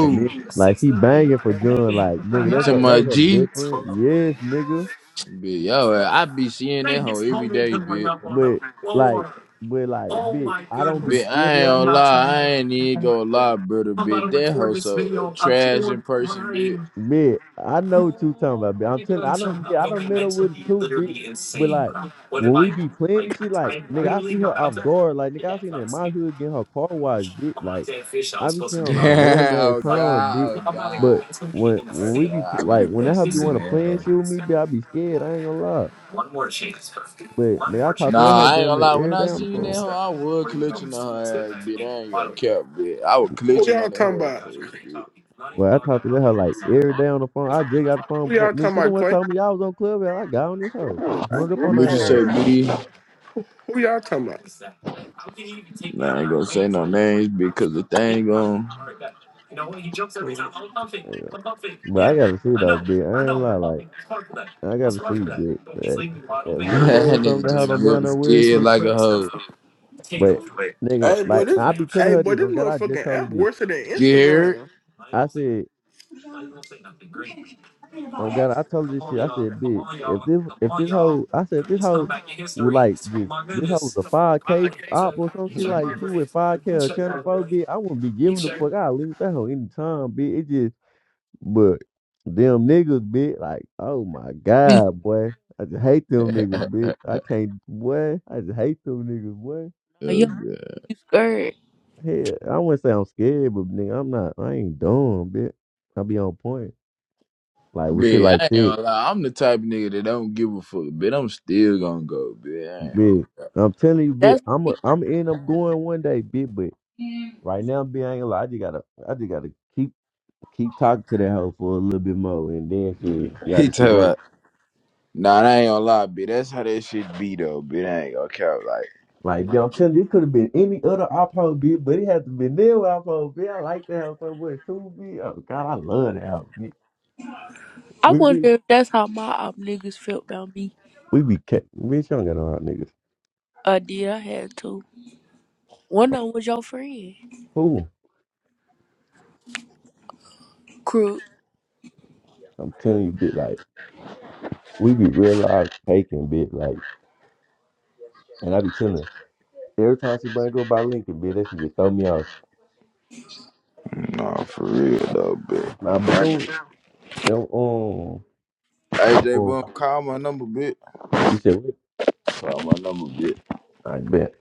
Speaker 13: and then like she banging for John, like nigga,
Speaker 1: You
Speaker 13: that's
Speaker 1: talking
Speaker 13: her, that
Speaker 1: about
Speaker 13: was her
Speaker 1: G?
Speaker 13: best friend, yes, nigga,
Speaker 1: Bitch, yo, I be seeing that hoe every day, bitch.
Speaker 13: but like, but like, bitch, I don't be
Speaker 1: Bitch,
Speaker 13: scared of
Speaker 1: I ain't
Speaker 13: that
Speaker 1: gonna
Speaker 13: hoe.
Speaker 1: lie, I ain't even gonna lie, brother, bitch. That hoe so uh, trash in person, bitch.
Speaker 13: Bitch, I know what you talking about, bitch. I'm telling I don't yeah, I don't met up with her too, bitch. But like when we be playing and shit, like nigga, I see her off guard. Like nigga, I seen her in my hood getting her car washed, bitch. Like I be telling her from random
Speaker 1: Damn,
Speaker 13: ass
Speaker 1: oh
Speaker 13: times,
Speaker 1: god,
Speaker 13: bitch.
Speaker 1: oh
Speaker 13: But
Speaker 1: god,
Speaker 13: when when
Speaker 1: oh
Speaker 13: we be p-
Speaker 1: god, I be
Speaker 13: like when that hoe be
Speaker 1: seeing
Speaker 13: wanna
Speaker 1: that
Speaker 13: play and
Speaker 1: hoe.
Speaker 13: shit with me, bitch, I be scared. I ain't gonna lie. But nigga, I talk to that
Speaker 1: Nah,
Speaker 13: hoe
Speaker 1: I ain't
Speaker 13: damn
Speaker 1: gonna
Speaker 13: near
Speaker 1: lie. When
Speaker 13: every
Speaker 1: I
Speaker 13: day on the
Speaker 1: seen that
Speaker 13: phone.
Speaker 1: hoe, I was clutching on her ass, bitch. I ain't gonna cap, bitch. I was
Speaker 5: Who
Speaker 1: clutching
Speaker 5: y'all
Speaker 1: on that
Speaker 5: talking
Speaker 1: her
Speaker 5: about?
Speaker 1: first, bitch.
Speaker 13: Well, I talk to that hoe like every day on the phone. I just got the phone
Speaker 5: Who
Speaker 13: before.
Speaker 5: y'all talking
Speaker 13: Nigga, she the
Speaker 5: about,
Speaker 13: one
Speaker 5: Clay?
Speaker 13: told me I was on club and I got on this hoe. I just hung up on
Speaker 1: Would you
Speaker 13: her
Speaker 1: say B?
Speaker 5: Who y'all talking about?
Speaker 1: Nah, I ain't gonna say no names because the thing gone.
Speaker 13: ass. But I gotta see though, bitch. I ain't lie, like I gotta see, bitch. That, that we
Speaker 1: that
Speaker 13: playing something
Speaker 1: nigga
Speaker 13: that her
Speaker 1: just
Speaker 13: don't be on
Speaker 1: real
Speaker 13: that weird
Speaker 1: scared
Speaker 13: shit.
Speaker 1: like a hoe.
Speaker 13: But nigga,
Speaker 5: Hey, boy,
Speaker 13: like
Speaker 5: this
Speaker 13: I be telling
Speaker 5: hey,
Speaker 13: her
Speaker 5: boy,
Speaker 13: this.
Speaker 5: this
Speaker 13: On God, I just
Speaker 5: motherfucking
Speaker 13: told
Speaker 5: app
Speaker 13: her this.
Speaker 5: worse than
Speaker 1: Scared?
Speaker 5: Instagram.
Speaker 13: I said, on God, I told her this shit. I said, bitch, if this if this hoe, I said if this hoe would like just this hoe was a five k op or some shit like she with five k or channel four, bitch. I wouldn't be giving the fuck. I leave with that hoe anytime, bitch. It just But them niggas, bitch, like, oh my
Speaker 15: You
Speaker 13: god, boy. I just hate them niggas, bitch. I can't, boy. I just hate them niggas, boy.
Speaker 15: no,
Speaker 1: Oh,
Speaker 15: you don't
Speaker 1: God.
Speaker 15: hate him. You scared.
Speaker 13: Hell, I wouldn't say I'm scared, but nigga, I'm not. I ain't dumb, bitch. I be on point. Like with shit
Speaker 1: Bitch,
Speaker 13: like
Speaker 1: I ain't
Speaker 13: that,
Speaker 1: gonna lie. I'm the type of nigga that don't give a fuck, bitch. I'm still gonna go, bitch. I ain't
Speaker 13: bitch.
Speaker 1: gonna...
Speaker 13: I'm telling you, bitch.
Speaker 15: That's
Speaker 13: I'm a,
Speaker 15: why
Speaker 13: I'm end up going one day, bitch. But
Speaker 15: you
Speaker 13: right now, bitch, I ain't gonna lie. I just gotta, I just gotta keep keep talking to that hoe for a little bit more, and then shit, see how
Speaker 1: He
Speaker 13: this shit
Speaker 1: tell
Speaker 13: go.
Speaker 1: about? nah, I ain't gonna lie, bitch. That's how that shit be, though, bitch. I ain't gonna cap. like.
Speaker 13: Like, I'm telling you, it could have been any other iPod beat, but it had to be their iPod beat. I like that album so much. Two B. Oh God, I love that album. bitch.
Speaker 15: I
Speaker 13: We we
Speaker 15: wonder if that's how my op niggas felt about me.
Speaker 13: we be ca- bitch. You don't got no hot niggas.
Speaker 15: I did, I had to. One of them was your friend.
Speaker 13: Who?
Speaker 15: Crook.
Speaker 13: I'm telling you, bit like we be real life taking bit like, and I be telling her, every time she bring go by Lincoln bit, that she just throw me off.
Speaker 1: Nah, for real though, bitch.
Speaker 13: Nah, but don't don't um
Speaker 1: AJ, J
Speaker 13: um.
Speaker 1: Boone, call my number, bitch.
Speaker 13: You said what?
Speaker 1: Call my number, bitch.
Speaker 13: I bet.